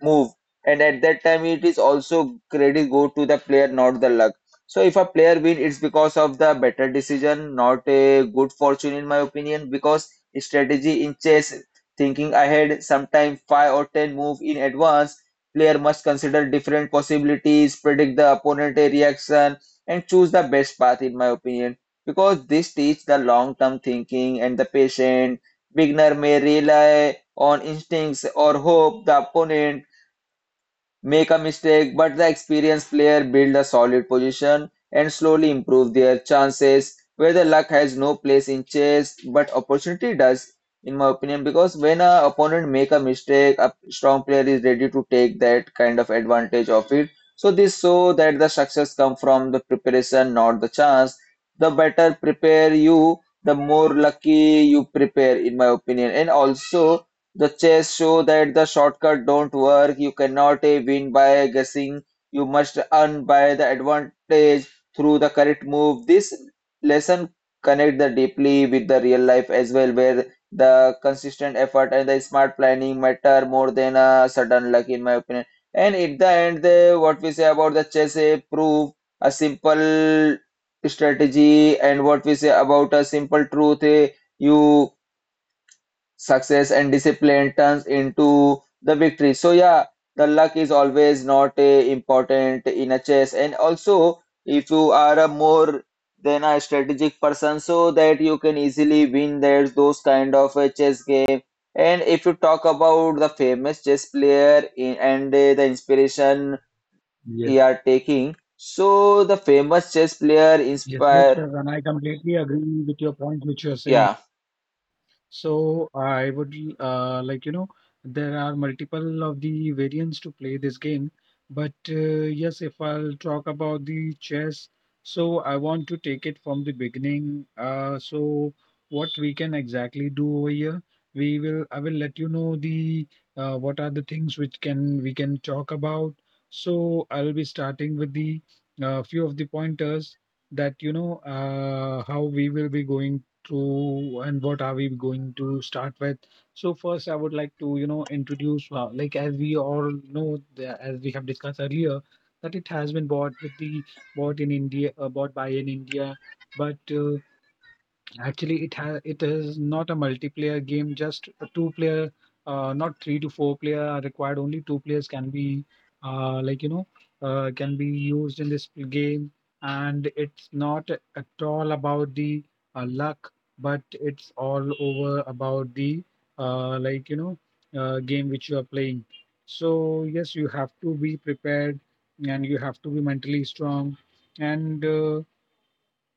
Speaker 1: move and at that time it is also credit go to the player, not the luck. So if a player win, it's because of the better decision, not a good fortune, in my opinion, because strategy in chess thinking ahead sometimes five or ten move in advance, player must consider different possibilities, predict the opponent reaction, and choose the best path, in my opinion, because this teach the long term thinking and the patient. Beginner may rely on instincts or hope the opponent make a mistake, but the experienced player build a solid position and slowly improve their chances. Whether luck has no place in chess, but opportunity does, in my opinion, because when a opponent make a mistake, a strong player is ready to take that kind of advantage of it. So this so that the success come from the preparation, not the chance. The better prepare you, the more lucky you prepare, in my opinion. And also the chess show that the shortcut don't work. You cannot eh, win by guessing. You must earn by the advantage through the correct move. This lesson connect the deeply with the real life as well, where the consistent effort and the smart planning matter more than a sudden luck, in my opinion. And at the end, the, what we say about the chess eh, prove a simple strategy, and what we say about a simple truth. Eh, you success and discipline turns into the victory. So yeah, the luck is always not uh, important in a chess. And also, if you are a more than a strategic person, so that you can easily win there's those kind of a chess game. And if you talk about the famous chess player in, and uh, the inspiration he are taking, so the famous chess player
Speaker 3: Yes, yes,
Speaker 1: inspire,
Speaker 3: sir. And I completely agree with your point, which you're saying.
Speaker 1: yeah.
Speaker 3: So I would uh, like you know there are multiple of the variants to play this game. But uh, yes, if I'll talk about the chess, so I want to take it from the beginning. Uh, so what we can exactly do over here, we will I will let you know the uh, what are the things which can we can talk about. So I'll be starting with the uh, few of the pointers that you know uh, how we will be going to and what are we going to start with. So first, I would like to you know introduce uh, like as we all know the- as we have discussed earlier that it has been bought with the bought in India uh, bought by in India. But uh, actually, it has it is not a multiplayer game, just a two player, uh, not three to four player are required. Only two players can be, uh, like you know, uh, can be used in this game. And it's not at all about the uh, luck, but it's all over about the uh, like you know, uh, game which you are playing. So yes, you have to be prepared, and you have to be mentally strong, and uh,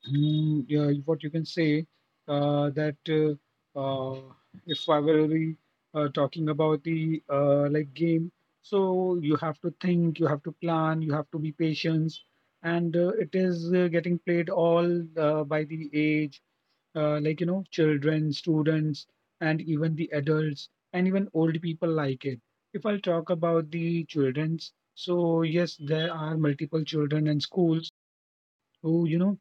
Speaker 3: Mm, yeah, what you can say uh, that uh, uh, if I were really uh, talking about the uh, like game, so you have to think, you have to plan, you have to be patient, and uh, it is uh, getting played all uh, by the age, uh, like you know, children, students, and even the adults, and even old people like it. If I'll talk about the childrens, so yes, there are multiple children in schools who you know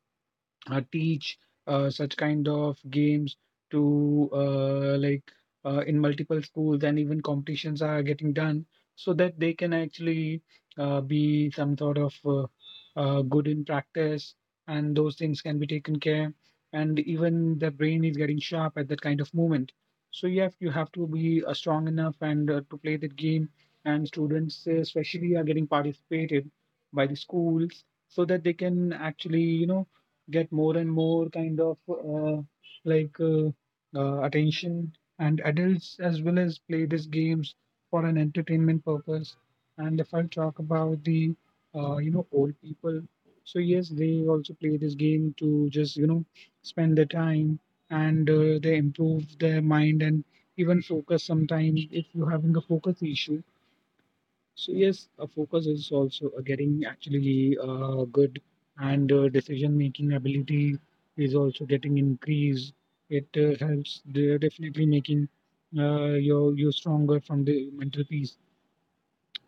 Speaker 3: uh, teach uh, such kind of games to uh, like uh, in multiple schools, and even competitions are getting done so that they can actually uh, be some sort of uh, uh, good in practice, and those things can be taken care, and even the brain is getting sharp at that kind of moment. So you have you have to be uh, strong enough and uh, to play that game. And students uh, especially are getting participated by the schools so that they can actually you know get more and more kind of uh, like uh, uh, attention. And adults as well as play these games for an entertainment purpose. And if I talk about the uh, you know old people, so yes, they also play this game to just you know spend their time, and uh, they improve their mind and even focus. Sometimes if you're having a focus issue, so yes, a focus is also uh, getting actually uh, good, and uh, decision-making ability is also getting increased. It uh, helps de- definitely making uh, your you stronger from the mental piece.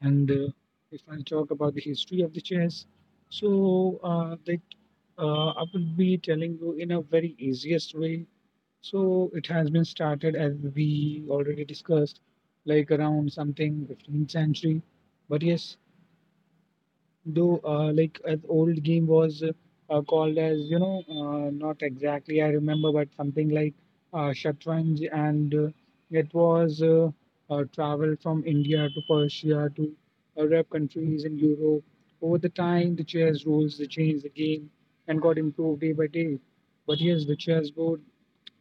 Speaker 3: And uh, if I talk about the history of the chess, so uh, that uh, I would be telling you in a very easiest way. So it has been started, as we already discussed, like around something fifteenth century. But yes, though uh, like an old game was uh, uh, called as you know uh, not exactly I remember, but something like uh, Shatranj, and uh, it was uh, uh, traveled from India to Persia to Arab countries in Europe. Over the time, the chess rules they changed the game and got improved day by day. But here's the chessboard,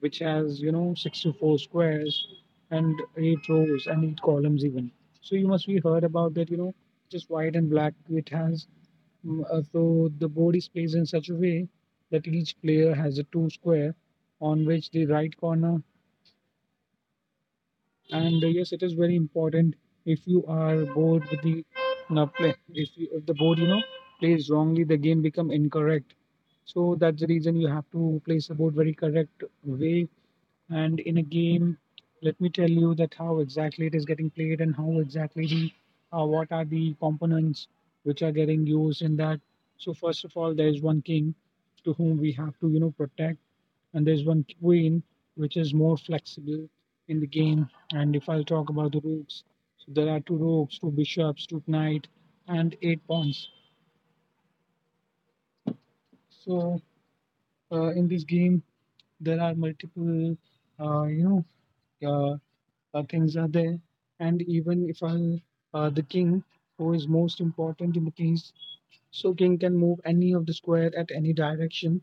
Speaker 3: which has you know sixty-four squares and eight rows and eight columns even. So you must be heard about that, you know, just white and black. It has. Mm, uh, so the board is placed in such a way that each player has a two square on which the right corner. And uh, yes, it is very important if you are bored with the now play. If, you, if the board you know plays wrongly, the game become incorrect. So that's the reason you have to place the board very correct way, and in a game, let me tell you that how exactly it is getting played and how exactly the uh, what are the components which are getting used in that. So first of all, there is one king to whom we have to you know protect, and there's one queen which is more flexible in the game. And if I'll talk about the rooks, so there are two rooks, two bishops, two knight, and eight pawns. So uh, in this game, there are multiple uh, you know uh, uh, kings are there. And even if I, uh, the king, who is most important in the case, so king can move any of the square at any direction,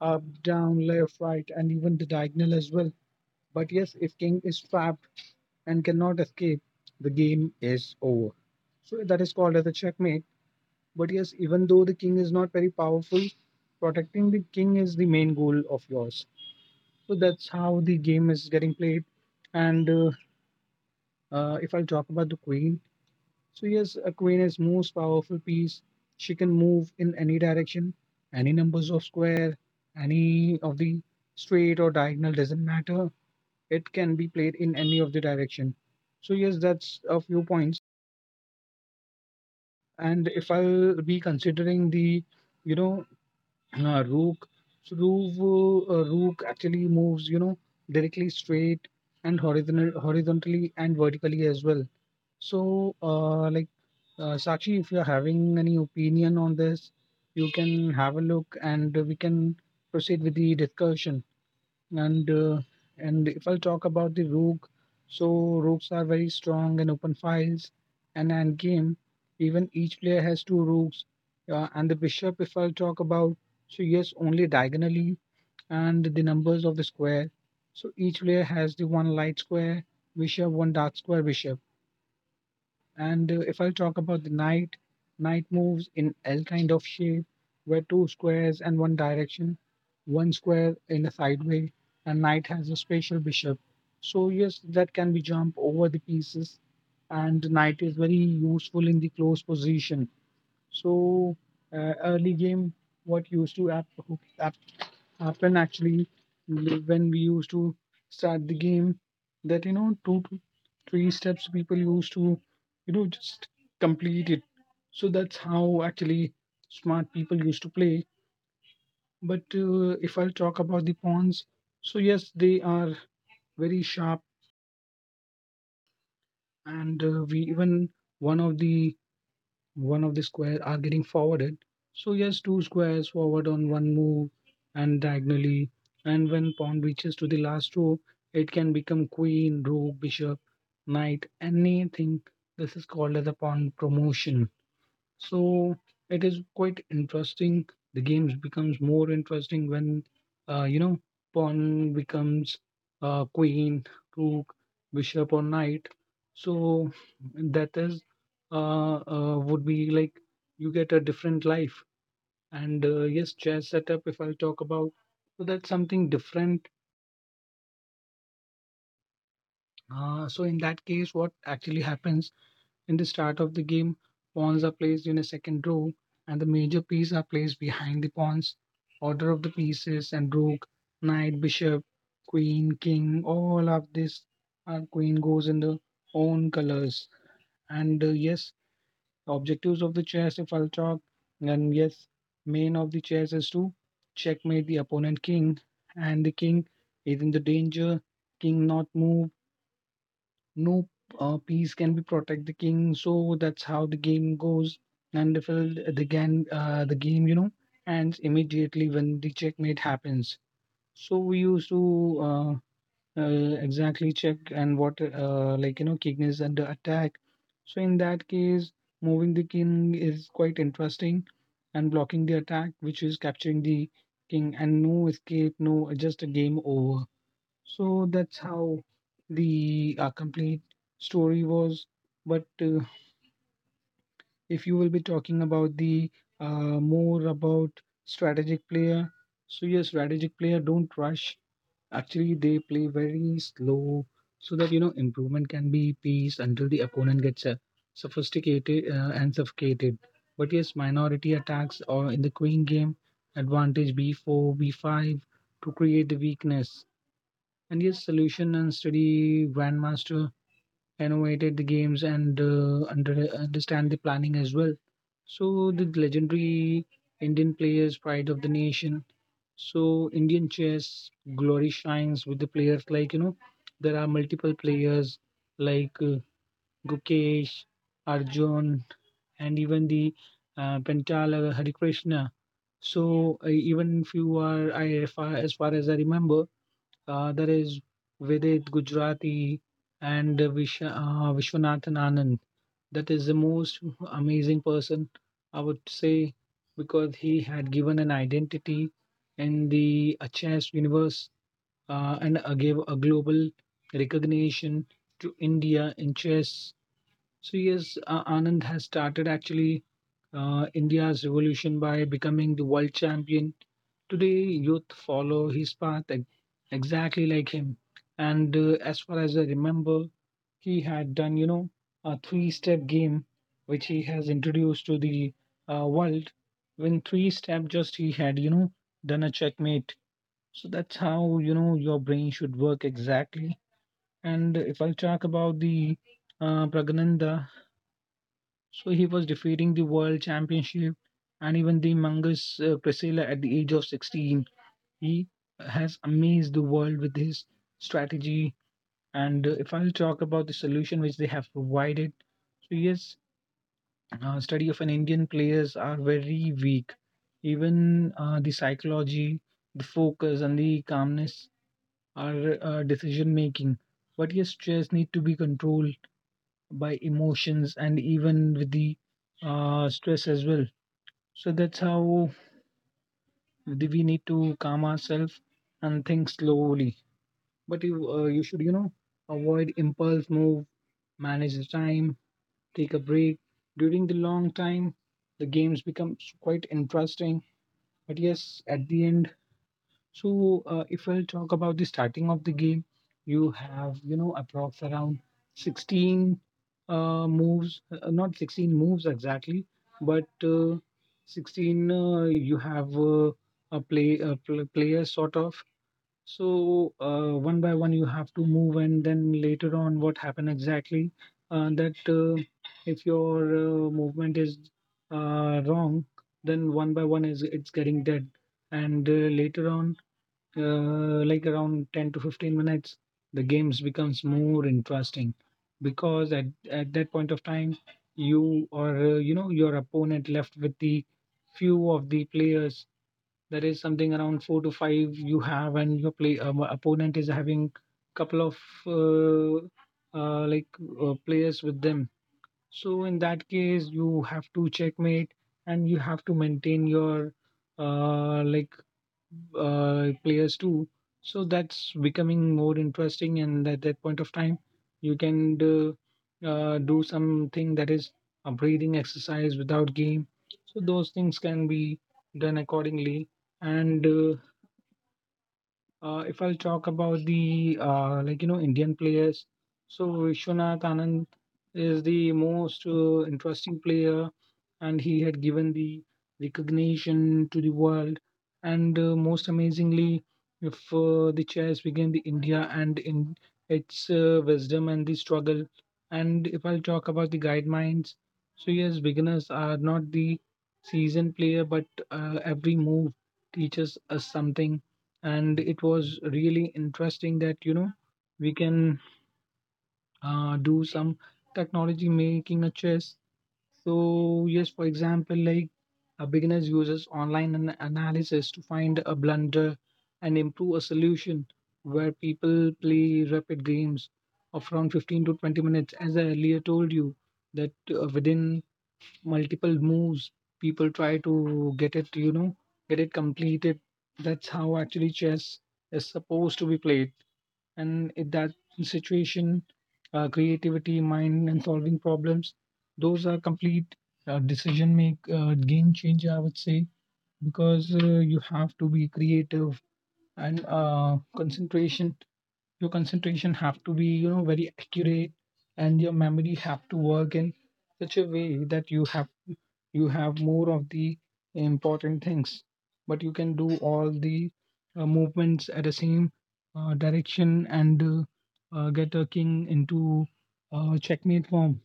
Speaker 3: up, down, left, right, and even the diagonal as well. But yes, if king is trapped and cannot escape, the game is over. So that is called as a checkmate. But yes, even though the king is not very powerful, protecting the king is the main goal of yours. So that's how the game is getting played. And uh, uh, if I talk about the queen, so yes, a queen is most powerful piece. She can move in any direction, any numbers of square, any of the straight or diagonal doesn't matter. It can be played in any of the direction. So, yes, that's a few points. And if I'll be considering the, you know, [CLEARS THROAT] uh, rook, so rook, uh, rook actually moves, you know, directly straight and horizontal, horizontally and vertically as well. So, uh, like Uh, Sakshi, if you're having any opinion on this, you can have a look and we can proceed with the discussion. And uh, and if I'll talk about the rook, so rooks are very strong in open files and end game. Even each player has two rooks. Uh, and the bishop, if I'll talk about, so yes, only diagonally and the numbers of the square. So each player has the one light square, bishop, one dark square, bishop. And uh, if I talk about the knight. Knight moves in L kind of shape, where two squares and one direction, one square in a side, and knight has a spatial bishop. So yes, that can be jump over the pieces, and knight is very useful in the close position. So uh, early game, what used to ab- happen actually li- when we used to start the game that you know two to three steps people used to you know just complete it. So that's how actually smart people used to play. But uh, if I'll talk about the pawns, so yes, they are very sharp. And uh, we even one of the one of the squares are getting forwarded. So yes, two squares forward on one move and diagonally. And when pawn reaches to the last row, it can become queen, rook, bishop, knight, anything. This is called as a pawn promotion. So it is quite interesting. The games becomes more interesting when uh, you know pawn becomes uh, queen, rook, bishop, or knight. So that is uh, uh, would be like you get a different life. And uh, yes, chess setup. If I'll talk about, so that's something different. Uh, so in that case, what actually happens? In the start of the game, pawns are placed in a second row, and the major pieces are placed behind the pawns. Order of the pieces and rook, knight, bishop, queen, king, all of this our queen goes in the own colors. And uh, yes, the objectives of the chess, if I'll talk, and yes, main of the chess is to checkmate the opponent king, and the king is in the danger, king not move no uh, piece can be protect the king. So that's how the game goes. And if uh, the game, uh, the game, you know, ends immediately when the checkmate happens. So we used to uh, uh, exactly check and what, uh, like you know, king is under attack. So in that case, moving the king is quite interesting, and blocking the attack, which is capturing the king, and no escape, no just a game over. So that's how the uh, complete story was. But uh, if you will be talking about the uh, more about strategic player, so yes, strategic player don't rush. Actually, they play very slow so that you know improvement can be paced until the opponent gets uh, sophisticated uh, and suffocated. But yes, minority attacks or in the queen game, advantage b four, b five to create the weakness. And yes, solution and study grandmaster innovated the games, and uh, under, understand the planning as well. So the legendary Indian players, pride of the nation. So Indian chess glory shines with the players like you know there are multiple players like uh, Gukesh, Arjun, and even the uh, Pentala Harikrishna. So uh, even if you are I, if I- as far as I remember, the other is Vedit Gujarati and Vish- uh, Vishwanathan Anand. That is the most amazing person, I would say, because he had given an identity in the chess universe uh, and uh, gave a global recognition to India in chess. So, yes, uh, Anand has started actually uh, India's revolution by becoming the world champion. Today, youth follow his path ex- exactly like him. And uh, as far as I remember, he had done, you know, a three step game which he has introduced to the uh, world. When three step, just he had, you know, done a checkmate. So that's how, you know, your brain should work exactly. And if I talk about the uh, Pragananda, so he was defeating the world championship and even the Mangus uh, Priscilla at the age of sixteen. He has amazed the world with his strategy. And uh, if I'll talk about the solution which they have provided, so yes, uh, study of an Indian players are very weak. Even uh, the psychology, the focus, and the calmness are uh, decision making. But yes, stress need to be controlled by emotions and even with the uh, stress as well. So that's how the- we need to calm ourselves and think slowly. But you uh, you should you know avoid impulse move, manage the time, take a break. During the long time, the games become s- quite interesting. But yes, at the end, so uh, if I'll talk about the starting of the game, you have you know approx around sixteen uh, moves, uh, uh, not sixteen moves exactly, but uh, sixteen uh, you have uh, a play a pl- player sort of. So uh, one by one you have to move, and then later on, what happened exactly? Uh, that uh, if your uh, movement is uh, wrong, then one by one is it's getting dead, and uh, later on, uh, like around ten to fifteen minutes, the games becomes more interesting, because at at that point of time, you or uh, you know your opponent left with the few of the players, that is something around four to five you have, and your play um, opponent is having couple of uh, uh, like uh, players with them. So in that case, you have to checkmate, and you have to maintain your uh, like uh, players too. So that's becoming more interesting, and at that point of time, you can do, uh, do something that is a breathing exercise without game. So those things can be done accordingly. And uh, uh, if I'll talk about the uh, like you know Indian players, so Vishwanath Anand is the most uh, interesting player, and he had given the recognition to the world. And uh, most amazingly, if uh, the chess began the India and in its uh, wisdom and the struggle. And if I'll talk about the guidelines, so yes, beginners are not the seasoned player, but uh, every move teaches us something. And it was really interesting that you know we can uh, do some technology making a chess. So yes, for example, like a beginners uses online an- analysis to find a blunder and improve a solution, where people play rapid games of around fifteen to twenty minutes, as I earlier told you that uh, within multiple moves. People try to get it, you know, get it completed. That's how actually chess is supposed to be played. And in that situation, uh, creativity, mind, and solving problems, those are complete uh, decision make uh, game changer, I would say, because uh, you have to be creative, and uh, concentration your concentration have to be you know very accurate, and your memory have to work in such a way that you have you have more of the important things, but you can do all the uh, movements at the same uh, direction, and uh, uh, get a king into uh, checkmate form.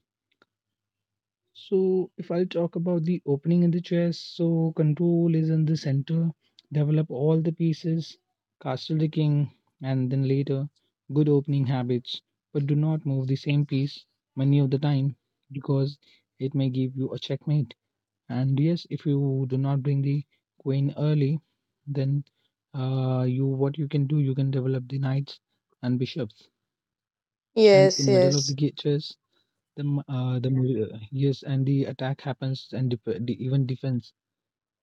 Speaker 3: So, if I'll talk about the opening in the chess, so control is in the center, develop all the pieces, castle the king, and then later good opening habits, but do not move the same piece many of the time because it may give you a checkmate. And yes, if you do not bring the queen early, then uh, you what you can do, you can develop the knights and bishops. And
Speaker 2: Yes,
Speaker 3: in middle of the
Speaker 2: yes.
Speaker 3: ga- chess, the m- uh, the Yeah. mil- uh, yes, and the attack happens, and def- the, even defense.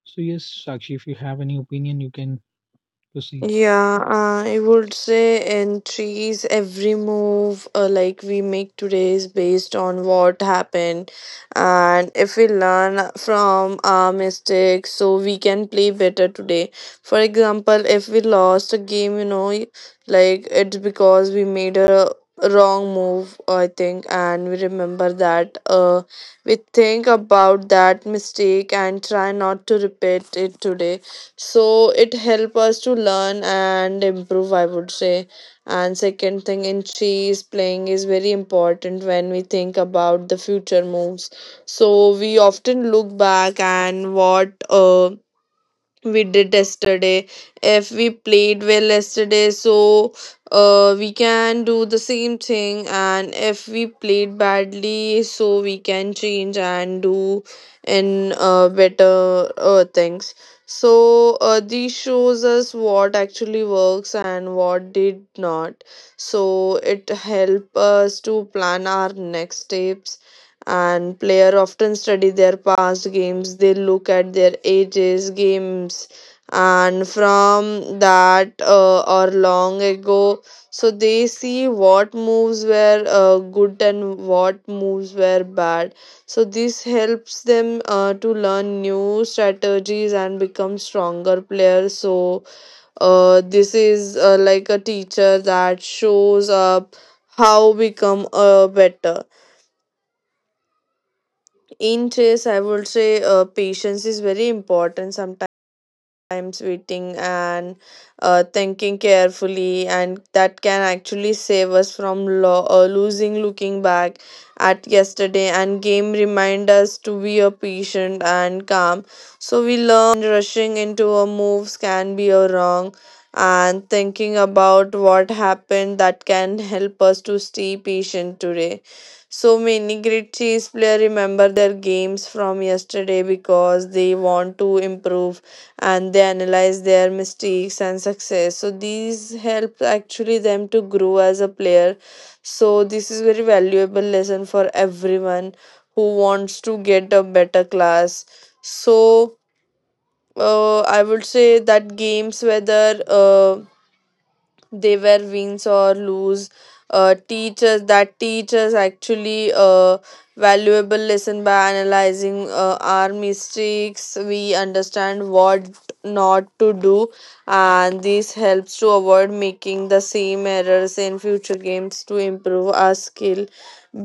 Speaker 3: So yes, Sakshi, if you have any opinion, you can proceed.
Speaker 2: Yeah, uh, I would say in trees, every move uh, like we make today is based on what happened. And if we learn from our mistakes, so we can play better today. For example, if we lost a game, you know, y- like it's because we made a wrong move, I think, and we remember that. Uh, we think about that mistake and try not to repeat it today, so it help us to learn and improve, I would say. And second thing in chess playing is very important. When we think about the future moves, so we often look back and what uh, we did yesterday. If we played well yesterday, so uh, we can do the same thing. And if we played badly, so we can change and do in uh, better uh, things. So uh, these shows us what actually works and what did not. So it help us to plan our next steps. And player often study their past games. They look at their ages games and from that uh, or long ago, so they see what moves were uh, good and what moves were bad. So this helps them uh, to learn new strategies and become stronger players. So uh, this is uh, like a teacher that shows up how become uh, better in chess, I would say. Uh, patience is very important. Sometimes waiting and uh, thinking carefully, and that can actually save us from lo- uh, losing. Looking back at yesterday and game remind us to be a patient and calm. So we learn rushing into our moves can be a wrong, and thinking about what happened, that can help us to stay patient today. So many great chess players remember their games from yesterday because they want to improve, and they analyze their mistakes and success. So these help actually them to grow as a player. So this is very valuable lesson for everyone who wants to get a better class. So uh, I would say that games, whether uh, they were wins or lose, uh, teachers that teachers actually uh, valuable lesson. By analyzing uh, our mistakes, we understand what not to do, and this helps to avoid making the same errors in future games to improve our skill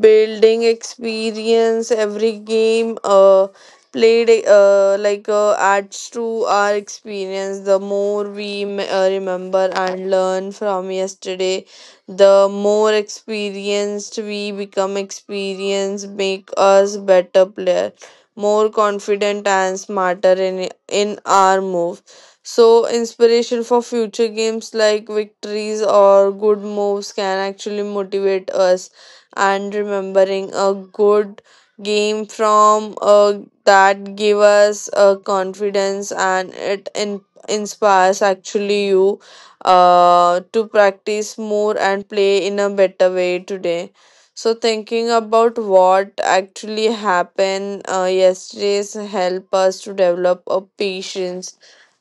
Speaker 2: building experience. Every game uh, played uh, like uh, adds to our experience. The more we m- uh, remember and learn from yesterday, the more experienced we become. Experience make us better player, more confident and smarter in in our move. So inspiration for future games, like victories or good moves, can actually motivate us. And remembering a good game from a that give us uh, confidence, and it in, inspires actually you uh, to practice more and play in a better way today. So thinking about what actually happened uh, yesterday's help us to develop a patience.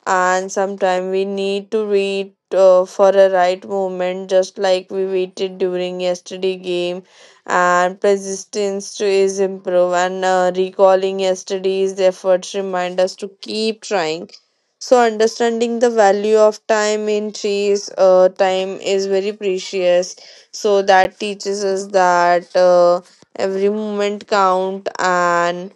Speaker 2: And sometimes we need to wait uh, for a right moment, just like we waited during yesterday game. And persistence to is improve, and uh, recalling yesterday's efforts remind us to keep trying. So understanding the value of time in trees, uh, time is very precious. So that teaches us that uh, every moment count. And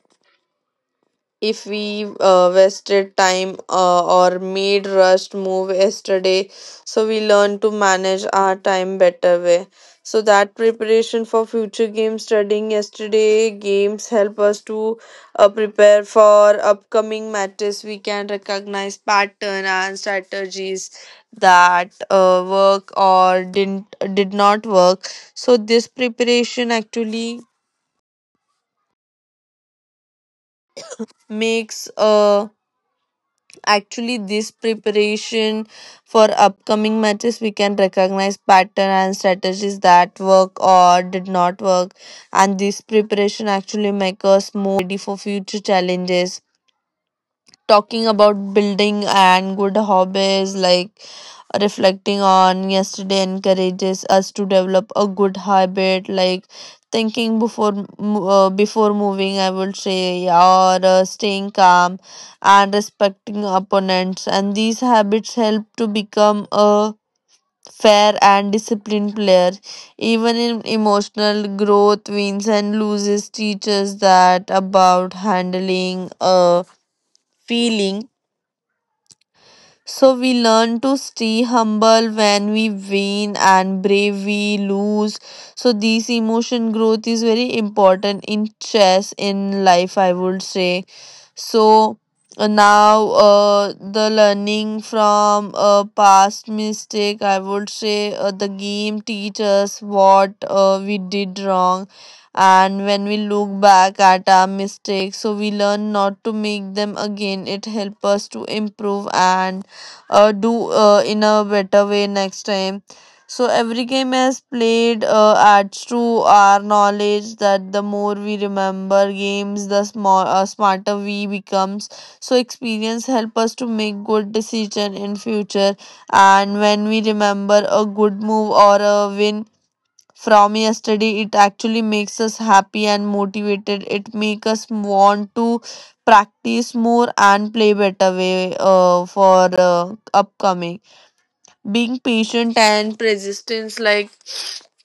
Speaker 2: if we uh, wasted time uh, or made rushed move yesterday, so we learn to manage our time better way. So that preparation for future games, studying yesterday games help us to uh, prepare for upcoming matches. We can recognize pattern and strategies that uh, work or didn't did not work. So this preparation actually makes uh actually this preparation for upcoming matches, we can recognize pattern and strategies that work or did not work, and this preparation actually make us more ready for future challenges. Talking about building and good hobbies, like reflecting on yesterday encourages us to develop a good habit, like thinking before mo- uh, before moving, I would say, or uh, staying calm and respecting opponents. And these habits help to become a fair and disciplined player. Even in emotional growth, wins and loses teaches that about handling a feeling. So we learn to stay humble when we win and brave we lose. So this emotion growth is very important in chess in life, I would say. So uh, now uh, the learning from uh, past mistake, I would say uh, the game teaches what uh, we did wrong. And when we look back at our mistakes, so we learn not to make them again. It helps us to improve and uh, do uh, in a better way next time. So every game as played uh, adds to our knowledge. That the more we remember games, the small uh, smarter we becomes. So experience help us to make good decision in future. And when we remember a good move or a win from yesterday, it actually makes us happy and motivated. It make us want to practice more and play better way uh, for uh, upcoming. Being patient and persistence, like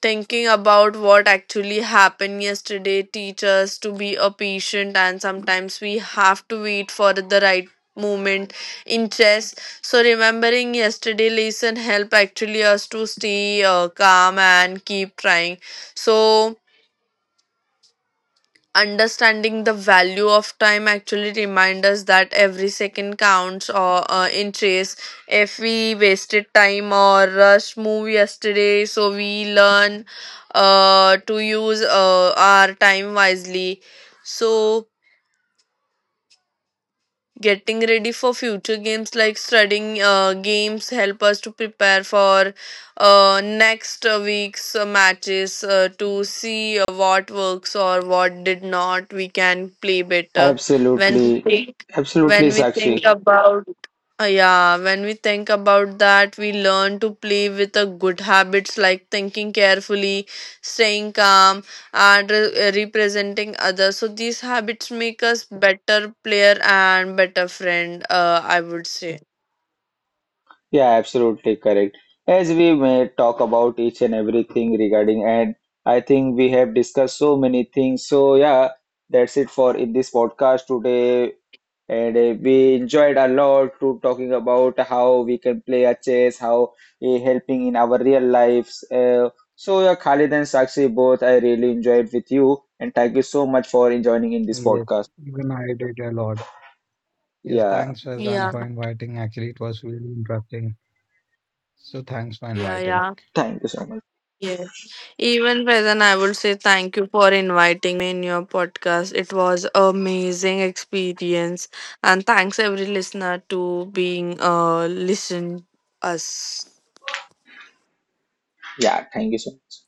Speaker 2: thinking about what actually happened yesterday teach us to be a patient. And sometimes we have to wait for the right moment in chess, so remembering yesterday lesson help actually us to stay uh, calm and keep trying. So understanding the value of time actually reminds us that every second counts, or uh, in chase if we wasted time or rushed move yesterday, so we learn uh, to use uh, our time wisely. So getting ready for future games, like studying uh, games help us to prepare for uh, next uh, week's uh, matches uh, to see uh, what works or what did not. We can play better when we
Speaker 1: Absolutely,
Speaker 2: think when
Speaker 1: absolutely,
Speaker 2: we think
Speaker 1: Sakshi.
Speaker 2: about uh, yeah, when we think about that, we learn to play with a good habits, like thinking carefully, staying calm and re- representing others. So these habits make us better player and better friend, uh, I would say.
Speaker 1: Yeah, absolutely correct. As we may talk about each and everything regarding, and I think we have discussed so many things. So yeah, that's it for in this podcast today. And uh, we enjoyed a lot to talking about how we can play a chess, how uh, helping in our real lives. Uh, so yeah, Khalid and Sakshi both, I really enjoyed with you, and thank you so much for joining in this
Speaker 3: Yes,
Speaker 1: podcast.
Speaker 3: even I did a lot. Yes,
Speaker 1: Yeah,
Speaker 3: thanks, Fazan,
Speaker 2: Yeah,
Speaker 3: for inviting. Actually, it was really interesting. So, thanks for
Speaker 2: yeah,
Speaker 3: inviting.
Speaker 2: yeah.
Speaker 1: thank you so much.
Speaker 2: Yes, even present, I would say, thank you for inviting me in your podcast. It was amazing experience, and thanks every listener to being uh listen us.
Speaker 1: Yeah, thank you so much.